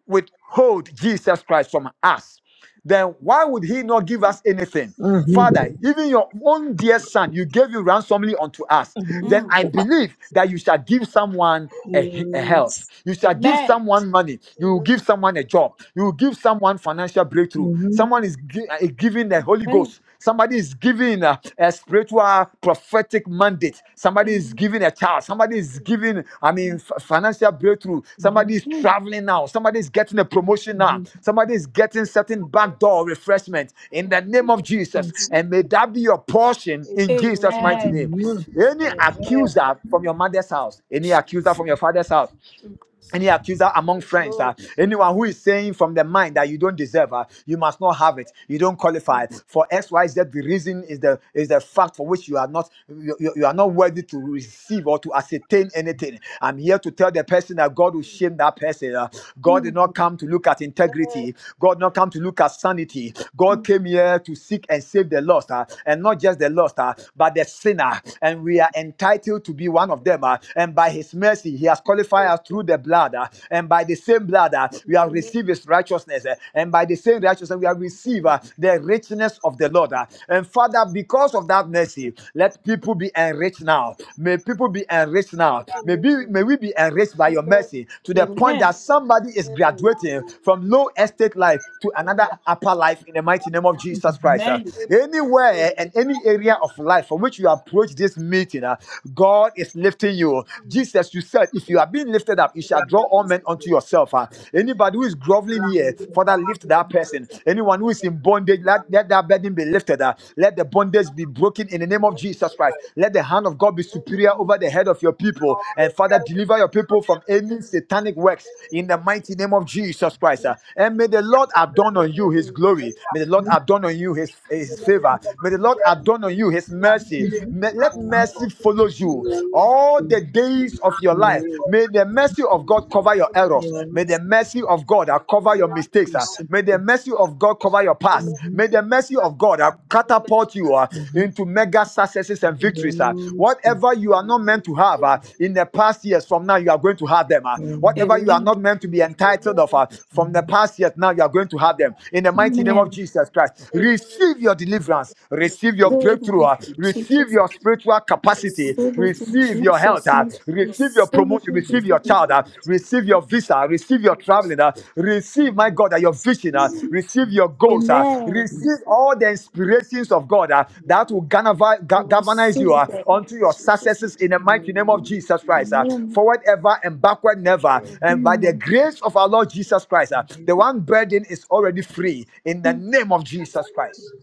A: withhold Jesus Christ from us then why would he not give us anything? Father, even your own dear son, you gave you ransomly unto us. Then I
I: Amen.
A: believe that you shall give someone a, he- a health. You shall give someone money.
J: Mm. Mm.
A: You will give
J: Amen.
A: someone a job. You will give someone financial breakthrough. Someone is gi- uh, giving the Holy Ghost. Somebody is giving a, a spiritual prophetic mandate. Somebody is giving a child. Somebody is
J: Mm.
A: giving, I mean, f- financial breakthrough. Somebody is traveling now. Somebody is getting a
J: Amen.
A: promotion now. Somebody is getting certain
J: Amen.
A: backdoor refreshment in the name of Jesus. And may that be your portion
I: Amen. Amen.
A: in
J: Amen.
A: Jesus' mighty name.
I: Amen. Jesus.
A: Any
B: amen
A: accuser from your mother's house, any accuser
I: Jesus.
A: from your father's house,
J: Mm.
A: any accuser among
J: Yes,
A: friends,
J: Lord.
A: uh, anyone who is saying from the mind
J: Mm.
A: that you don't deserve, uh, you must not have it, you don't qualify
J: Mm.
A: for X, Y, Z. The reason is the is the fact for which you are not you, you you are not worthy to receive or to ascertain anything. I'm here to tell the person that God will
J: Mm.
A: shame that person. uh. God did not
I: Amen.
A: come to look at
J: Amen.
A: integrity. God did not come to look at sanity. God came here to seek and save the lost, uh, and not just the lost, uh, but the sinner and we are entitled to be one of
J: Mm.
A: them. ah. and by his mercy, he has qualified
J: Yes,
A: us through
J: Lord.
A: the blood. ah. and by the same blood, ah, we have
J: Amen.
A: received his righteousness. eh, and by the same righteousness, we have received
J: Mm.
A: ah, the richness of the Lord. ah. and Father, because of that
J: Mm.
A: mercy, let people be enriched now. May people be enriched now. May, be,
J: Amen.
A: may we be enriched by your
J: Amen.
A: mercy to the
I: Amen.
A: point
I: Amen.
A: that somebody is
J: Amen.
A: graduating from low estate life to another
J: Mm.
A: upper life in the mighty name of Jesus Christ. uh.
J: Amen.
A: Anywhere and any area of life from which you approach this meeting, uh, God is lifting you.
J: Mm.
A: Jesus, you said, if you are being lifted up, you shall draw all men unto yourself. uh. Anybody who is groveling here,
C: Mmm.
J: Mm.
A: Father, lift that person. Anyone who is in bondage, let,
C: instruments.
A: let that burden be lifted.
J: Amen.
A: uh. Let the bondage be broken in the name of
J: Amen.
A: Jesus Christ. Let the hand hand of God be
J: Amen.
A: superior over the head of your people. And Father, deliver your people from any
J: Amen.
A: satanic works in the mighty name of Jesus Christ. uh.
J: Mm.
A: And may the Lord adorn
J: Amen.
A: on you his
J: Amen.
A: glory. May the Lord adorn on you his,
J: Amen.
A: his favor. May the Lord adorn on you his mercy. May- let
B: amen
A: mercy follow
J: Amen. Amen.
A: you
J: Amen.
A: all the days of your life. May the mercy of God cover your errors. May the mercy of God uh, cover your mistakes. uh. May the
C: Thank
A: mercy of God cover your past. May the mercy of God uh, catapult you. uh, into mega successes and victories. ah. Whatever you are not meant to have
J: Amen. Amen. Amen.
A: ah, in the past years, from now you are going to have them. ah. Whatever you are
I: Amen.
A: not meant to be entitled
J: Amen.
A: of
J: Amen.
A: ah, from the past years, now you are going to have them. In the mighty name of Jesus Christ,
J: Amen.
A: receive your deliverance,
J: Amen.
A: receive your breakthrough, ah.
J: I
I: Amen.
A: receive
J: receive
A: your
J: it.
A: spiritual
J: I
A: capacity,
J: receive it.
I: Receive it in
A: receive your
J: I
A: health,
I: Jesus'
A: ah.
I: name.
J: receive it, Lord.
A: receive your
I: Receive it
A: promotion,
I: in
A: receive your
I: Jesus'
J: I
I: name.
A: child, ah.
J: receive it.
A: receive your
J: I
A: visa,
J: receive
A: receive your
J: it, Lord.
A: traveling. ah. Receive, my God, uh, your
J: I
A: vision. Uh,
J: receive
A: receive your goals. Uh,
I: Amen.
A: receive all the inspirations of God uh,
C: you.
A: that will galvanize ga-
I: We
A: galvanize
I: Receive
A: you uh,
J: it.
I: it in
A: unto your
I: Jesus'
A: successes
I: name.
A: in
C: Jesus.
A: the mighty name of Jesus Christ. Uh,
C: Mm,
I: Amen.
A: forward ever and backward never.
J: Amen. Amen.
A: And by the
I: Amen.
A: grace of our Lord
J: Mm,
A: Jesus Christ, uh, the one burden is already
J: mm.
A: free in the name of Jesus Christ.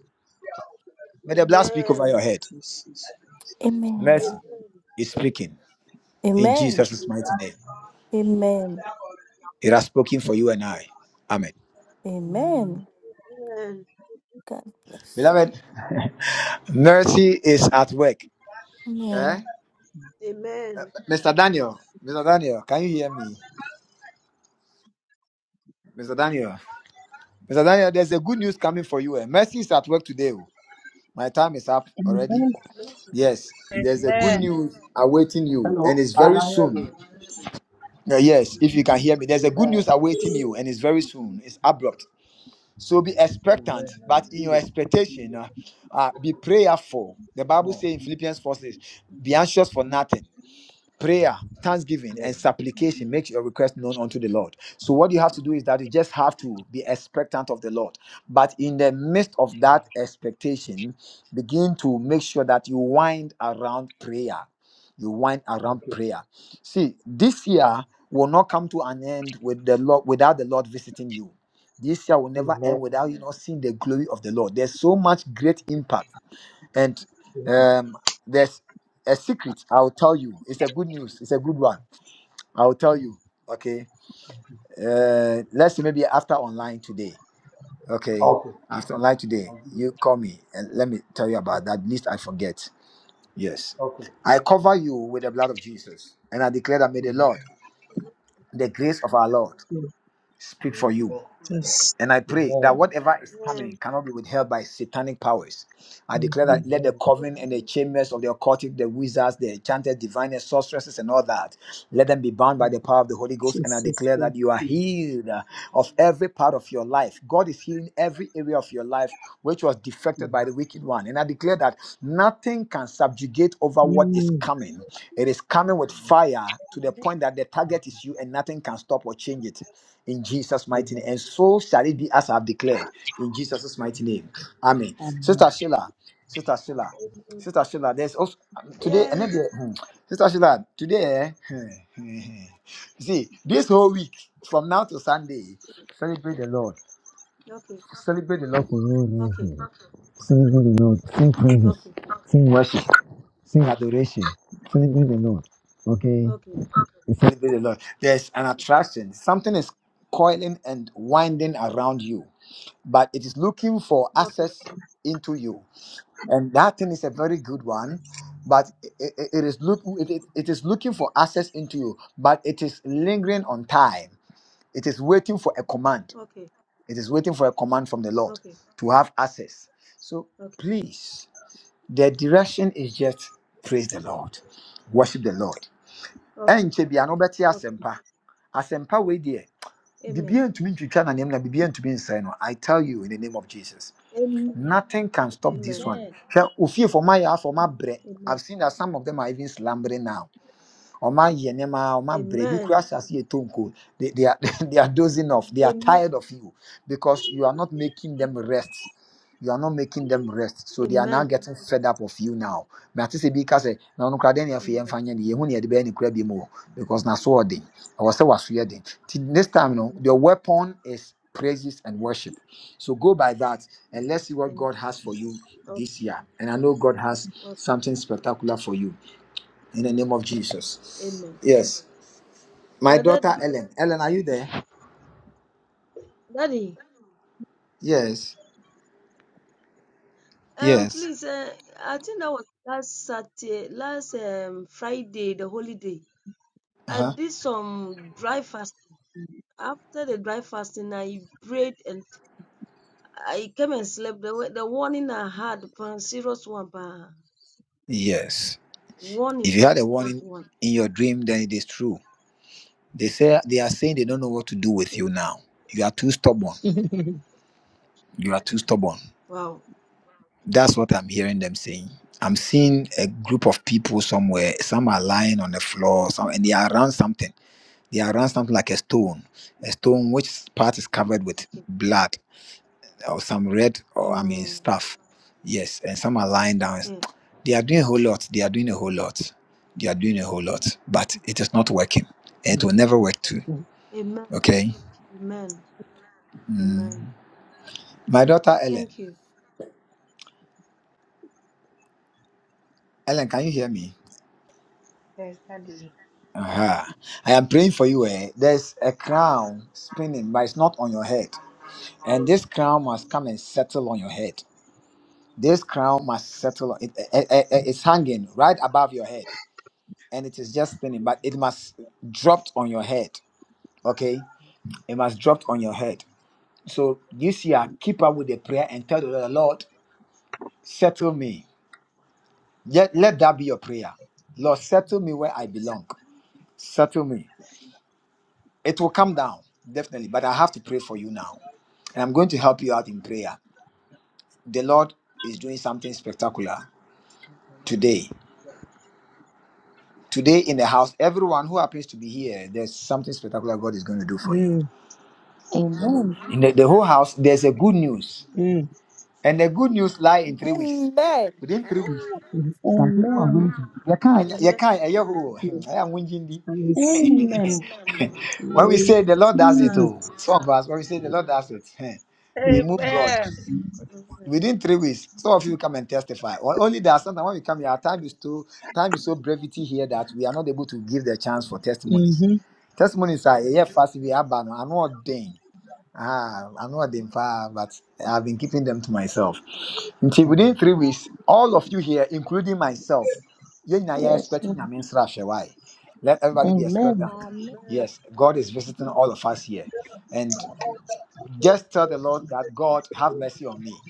A: May the blood speak over your
J: Amen.
A: head.
I: Amen.
A: Mercy
J: Amen.
A: is speaking in
I: Amen.
J: Amen.
A: Jesus'
C: yeah,
A: mighty name.
I: Amen.
A: It has spoken for you and Amen.
I: Amen. God bless
A: See,
I: you. Amen.
J: Amen.
A: Daniel, Mr. Daniel, can you hear me? Mister Daniel? There's coming for you. Eh? Mercy is at work today. oh. My time is up already. Yes, there's a good news awaiting you, and
K: Hello,
A: it's
K: I
A: very
K: can hear
A: soon.
K: you.
A: Uh, yes, if you can hear me, there's a good news
K: Amen.
A: awaiting you, and it's very soon. It's abrupt. So be
K: Amen.
A: expectant,
K: I
A: but in your
K: receive it. In
A: expectation,
K: Jesus.
A: uh, uh, be prayerful. The
K: name.
A: Bible
K: Amen.
A: says in Philippians 4 says, Be
K: Mm.
A: anxious for nothing prayer thanksgiving
K: Yes.
A: and supplication makes your request known unto the lord so what you have to do is that you just have to be expectant of the lord but in the midst of that expectation begin to make sure that you wind around prayer you wind around
K: Okay.
A: prayer see this year will not come to an end with the lord without the lord visiting you this year will never end
K: Amen.
A: without you not seeing the glory of the lord there's so much great impact and
K: Thank you.
A: um, there's a secret I'll tell you. It's a good news. It's a good one. I'll tell
K: Mm.
A: you. Okay. Uh, let's say maybe after online today. Okay.
K: Okay.
A: After online today,
K: I'll give
A: you
K: it.
A: call me and let me tell you about that.
K: Okay.
A: At least I forget. Yes.
K: Okay.
A: I cover you with the blood of Jesus, and I declare that may the Lord,
K: Amen.
J: Amen.
A: the grace of our Lord, speak
K: Yes,
A: for you.
K: Lord.
J: Amen.
C: Yes.
A: And I pray that
K: Amen.
A: whatever is coming
J: Amen.
A: cannot be withheld by satanic powers. I declare
C: mhm,
A: that let the
K: Amen.
A: coven and the chambers of the occultic, the wizards, the enchanters, diviners, sorceresses, and all that, let them be bound by
K: Mm.
A: the power of the Holy Ghost. And I
C: Jesus.
A: declare
C: well,
A: that you are
K: Mm.
A: healed uh, of every part of your life. God is healing every area of your life which was defected
K: Mm.
A: by the wicked one. And I declare that nothing can subjugate over what is
C: mm,
A: coming. It is coming with fire to the
J: Amen.
A: point that the target is you and nothing can stop or change it in Jesus' mighty
K: Amen.
A: name. And so shall it be as I have declared in Jesus' mighty
K: Mm.
A: name. Amen.
C: um,
A: Sister Sheila, Sister Sheila,
J: Amen.
A: Sister Sheila, there's also today, and
J: Yes.
A: then, hmm, Sister Sheila, today, eh, see, this whole week from now to Sunday, the Lord,
J: Okay.
A: celebrate the Lord for no
J: Okay.
A: reason. Celebrate the Lord, sing praises,
J: Okay.
A: sing worship, sing adoration, celebrate the Lord. Okay,
J: Okay.
A: We celebrate the Lord. There's an
J: Okay.
A: attraction, something is coiling and winding around you. but it is looking for
J: Okay.
A: access into you and that thing is a very good
J: Okay.
A: one but it, it, it is look it, it it is looking for access into you but it is lingering on time it is waiting for a
J: Okay.
A: command
J: Okay.
A: it is waiting for a command from the lord
J: Okay.
A: to have access so
J: Okay.
A: please the direction is just praise the lord worship the lord
J: Okay.
A: ɛnkyɛ bia no wobɛte
J: Okay.
A: asɛmpa asɛmpa wei deɛ
J: Amen.
A: biribiara ntumi ntwitwa n'anim na biribiara ntumi nsɛe no i tell you in the name of jesus
J: Amen.
A: Nothing can stop this
J: Amen.
A: one.
L: Amen.
A: Hwɛ, ofie for my house, for my bread.
J: Amen.
A: I've seen that some of them are even slumbering now
J: Mm.
A: ɔma yɛ nneɛma ɔma brɛ bi kura
J: Amen.
A: asase yɛ tonko they they are they are dozing off they are
J: Amen.
A: tired of you because you are not making them rest you are not making them rest so they are now
J: Amen.
A: getting fed up of you
J: Mm.
A: now but ati sɛ because na ɔno kura deɛ na yɛn
J: Amen.
A: fa nyɛ ne yɛn ne yɛde bɛyɛ ne kura bi mu because na so ɔden ɛwɔ was waso yɛ
J: Mm.
A: den next time no
J: Amen.
A: the weapon is praises and worship so go by that and let's see what
J: Amen.
A: god has for you
J: Okay.
A: this year and i know god has
J: Okay.
A: something spectacular for you in the name of Jesus.
J: Amen.
A: Yes. My
J: But that,
A: daughter Ellen. Ellen, are you there?
J: Daddy,
A: Yes.
J: um,
A: Yes.
J: please, uh, I think that was last Saturday, last um Friday, the holiday. I
A: Uh-huh.
J: did some dry fasting. After the dry fasting, I prayed and I came and slept. The, wa- the warning I had, pan serious one, pan
A: Yes.
J: warning,
A: If you
J: pan
A: had a
J: serious
A: warning
J: one.
A: in your dream, then it is true. They say they are saying they don't know what to do with
J: Mm.
A: you now. You are too stubborn. You are too stubborn.
J: Wow.
A: That's what I'm hearing them saying. I'm seeing a group of people somewhere. Some are lying on the floor, some and they are around something. They are around something like a stone. A
J: Mm,
A: stone which part is covered with
J: Okay.
A: blood or some red or I mean
J: Mm.
A: stuff. Yes, and some are lying down.
J: yeah.
A: They are doing a whole lot. They are doing a whole lot. They are doing a whole lot, but it is
J: Mm.
A: not working. And it
C: mm,
A: will never work too.
J: Amen.
A: Okay.
J: Amen.
A: Mm.
J: Amen.
A: My daughter Ellen.
J: Thank you.
A: Ellen, can you hear me?
M: Yes, Daddy.
A: Uh-huh. I am praying for you. Eh? There's a crown spinning, but it's not on your head. And this crown must come and settle on your head. This crown must settle. on- It, it, it- it's hanging right above your head, and it is just spinning, but it must dropped on your head. okay it must drop on your head so this year keep up with the prayer and tell the lord lord settle me let, let that be your prayer lord settle me where i belong settle me it will come down definitely but i have to pray for you now and i'm going to help you out in prayer the lord is doing something spectacular today today in the house everyone who happens to be here there's something spectacular god is going to do for you
C: mm, mm,
D: Amen.
A: in the, the whole
J: Amen.
A: house there's a good news
C: mm,
A: and the good news lie in three weeks
I: Amen.
A: within three weeks
C: mm,
D: Amen.
A: You can't, you
J: Amen.
A: can't. eh, you go, hmm,
C: mm,
A: I am whinging thee.
C: I receive it.
D: Amen.
C: I
A: When we say the
J: Amen.
A: Lord does
C: receive
A: it, oh,
C: it.
A: some of us, when we say the Lord does it, eh, we
B: amen
A: move God
B: amen
A: within three weeks. Some of you come and testify. Well, only that sometimes when we come here, our time is too, time is so brevity here that we are not able to give the chance for testimonies.
C: Mm-hmm.
A: Testimonies are yeah, fast. We are banned. I'm not ordained. Ah, I'm not ordained, but I've been keeping them to myself. Nti within three weeks, all of you here, including myself, yɛn nyinaa yɛ
D: Yes.
A: expecting
D: Lord.
A: Nyame nsra hwɛ. Why? Let everybody be expectant.
L: Amen.
J: Amen.
A: Yes, God is visiting all of us here. And just tell the Lord that God have mercy on me.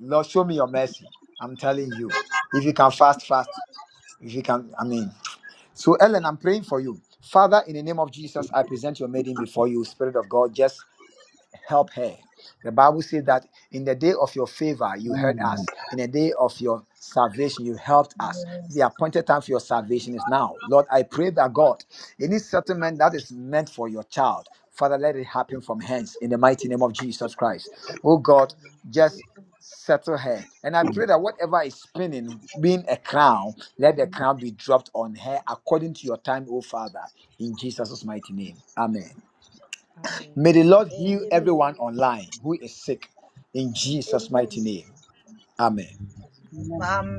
A: Lord, show me your mercy. I'm telling you. If you can fast, fast. If you can, I mean. So, Ellen, I'm praying for you. Father, in the name of Jesus, I present your maiden before you, Spirit of God. Just help her. The Bible says that in the day of your favor, you heard us. In the day of your salvation, you helped us. The appointed time for your salvation is now. Lord, I pray that God, any settlement that is meant for your child, Father, let it happen from hence in the mighty name of Jesus Christ. Oh God, just
J: Amen.
A: settle her. And I pray that whatever is spinning, being a crown, let the crown be dropped on her according to your time, oh Father, in Jesus' mighty name. Amen. May
M: Amen.
A: the Lord heal everyone
J: Amen.
A: online who is sick in Jesus' mighty
J: Amen.
A: name. Amen.
C: Yes.
M: Amen.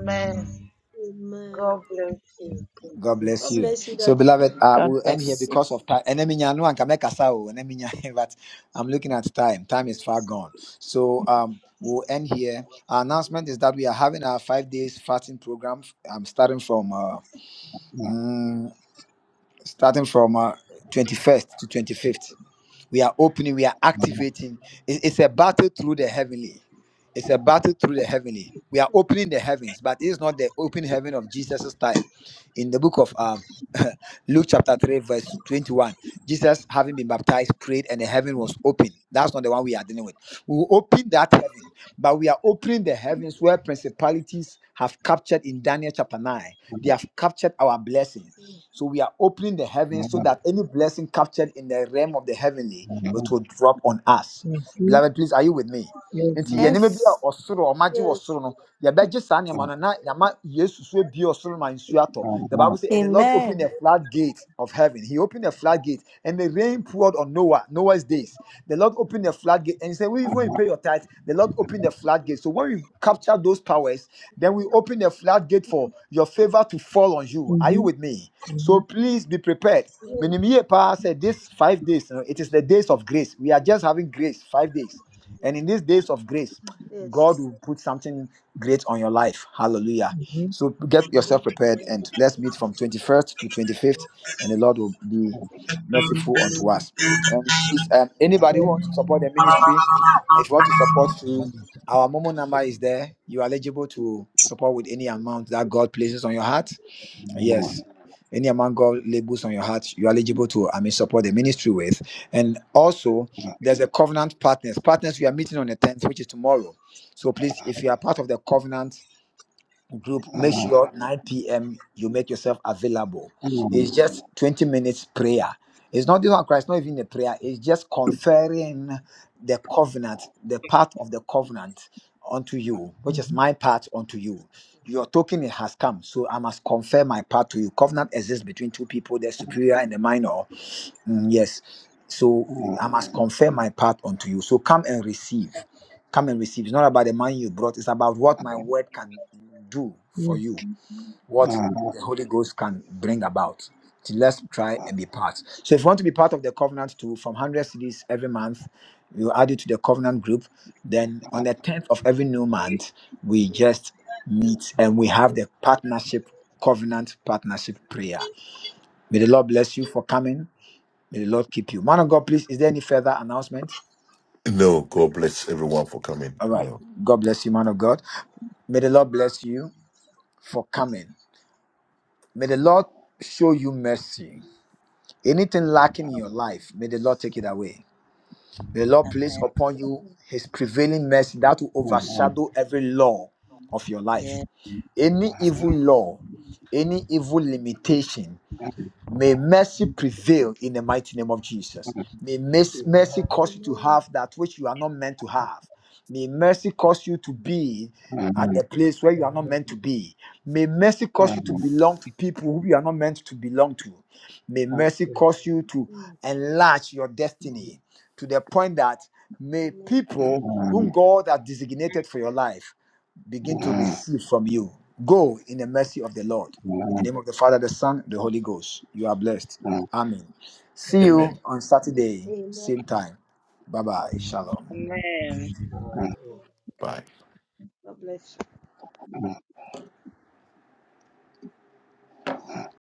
J: Amen.
A: God bless
J: God
A: you.
J: bless you,
L: Amen. Thank
A: So,
J: Daddy.
L: you.
A: beloved, uh,
I: God
A: we'll end here
I: bless you.
A: because of time. And I mean, I can make a sound, and I but I'm looking at time. Time is far gone. So, um, we'll end here. Our announcement is that we are having our five days fasting program. I'm starting from uh, mm, starting from uh, 21st to 25th. we are opening, we are activating. It- It's a battle through the heavenly. It's a battle through the heavenly. We are
J: Mm,
A: opening the heavens, but it's not the open heaven of Jesus' time. In the book of um, Luke chapter 3, verse 21, Jesus, having been baptized, prayed and the heaven was open. That's not the one we are dealing with. We will open that heaven, but we are opening the heavens where principalities have captured in Daniel chapter 9. They have captured our blessing.
J: mm,
A: So we are opening the heavens so that any blessing captured in the realm of the heavenly it will drop on us.
C: Mm-hmm.
A: Beloved, please, are you with me?
J: mm.
C: Yes.
A: nti yɛn nneɛma bi
I: Yes.
A: a ɔsoro ɔmagye wɔ soro
J: Yes.
A: no yɛbɛgye saa nneɛma no na yɛama yesu so abue ɔsoro ma nsuo atɔ the bible says, and the lord opened
I: Amen.
A: the floodgate of heaven he opened the floodgate and the rain poured on noah noah's days the lord opened the floodgate and he said "Well, even when you pay your tithe the lord opened the floodgate so when you capture those powers then we
J: Mm,
A: open the floodgate for your favor to fall on you are you with
C: Mm-hmm.
A: me so please be prepared.
J: Yes.
A: Minimie pa said this five days, you know, it is the days of grace. We are just having grace, five days.
J: Yes.
A: And in these days of grace,
J: yes.
A: God will put something great on your life. Hallelujah.
C: Mhm,
A: So get yourself
J: Amen.
A: prepared
L: Amen.
A: and let's meet from 21st to 25th, and the Lord will be merciful unto us. And please, um, anybody who wants to support the ministry, if you want to support through our Momo number is there. You are eligible to support with any amount that God places on your heart. Yes. Any amount God labels on your heart, you are eligible to, I mean, support the ministry with. And also, there's a covenant partners. Partners, we are meeting on the 10th, which is tomorrow. So please, if you are part of the covenant, group make sure 9 p.m you make yourself available it's just 20 minutes prayer it's not even christ not even a prayer it's just conferring the covenant the part of the covenant unto you which is
C: mhm,
A: my part unto you your token has come so i must confer my part to you covenant exists between two people the superior and the minor Mm, yes. So I must confirm my part unto you. So come and receive. Come and receive. It's not about the money you brought, it's about what my word can do for
C: mhm.
A: you, what the Holy Ghost can bring about. So let's try and be part. So if you want to be part of the covenant too, from 100 cities every month, you add it to the covenant group. Then on the 10th of every new month, we just meet and we have the partnership, covenant partnership prayer. May the Lord bless you for coming. May the Lord keep you. Man of God, please, is there any further announcement? All right. God bless you, man of God. May the Lord bless you for coming. May the Lord show you mercy. Anything lacking in your
J: Amen.
A: life, may the Lord take it away. May the Lord place
B: Amen.
A: upon you
J: Amen.
A: his prevailing mercy that will overshadow every law of your life.
J: Mm,
A: Any evil law, any evil limitation, May mercy
J: mm.
A: prevail in the mighty name of Jesus. May mes- mercy
K: Amen.
A: cause you to
J: Amen.
A: have that which you are not meant to have. May mercy cause you to be at a place where you are not meant
K: Amen.
A: to be. May mercy cause you to belong to people who you are not meant to belong to. May
D: Amen.
A: mercy cause you to
J: Mm,
A: enlarge your destiny to the point that may
J: Amen.
A: people whom God has designated for your life begin to receive from
J: Mm,
A: you. Go in the mercy of the Lord. In the name of
J: Amen.
A: the Father, the Son, the Holy Ghost, you are blessed. Amen. See
G: Amen.
A: you on Saturday,
J: Amen.
A: same time. Bye bye. Shalom.
B: Amen.
K: Amen.
J: God bless you.
D: Mm-hmm.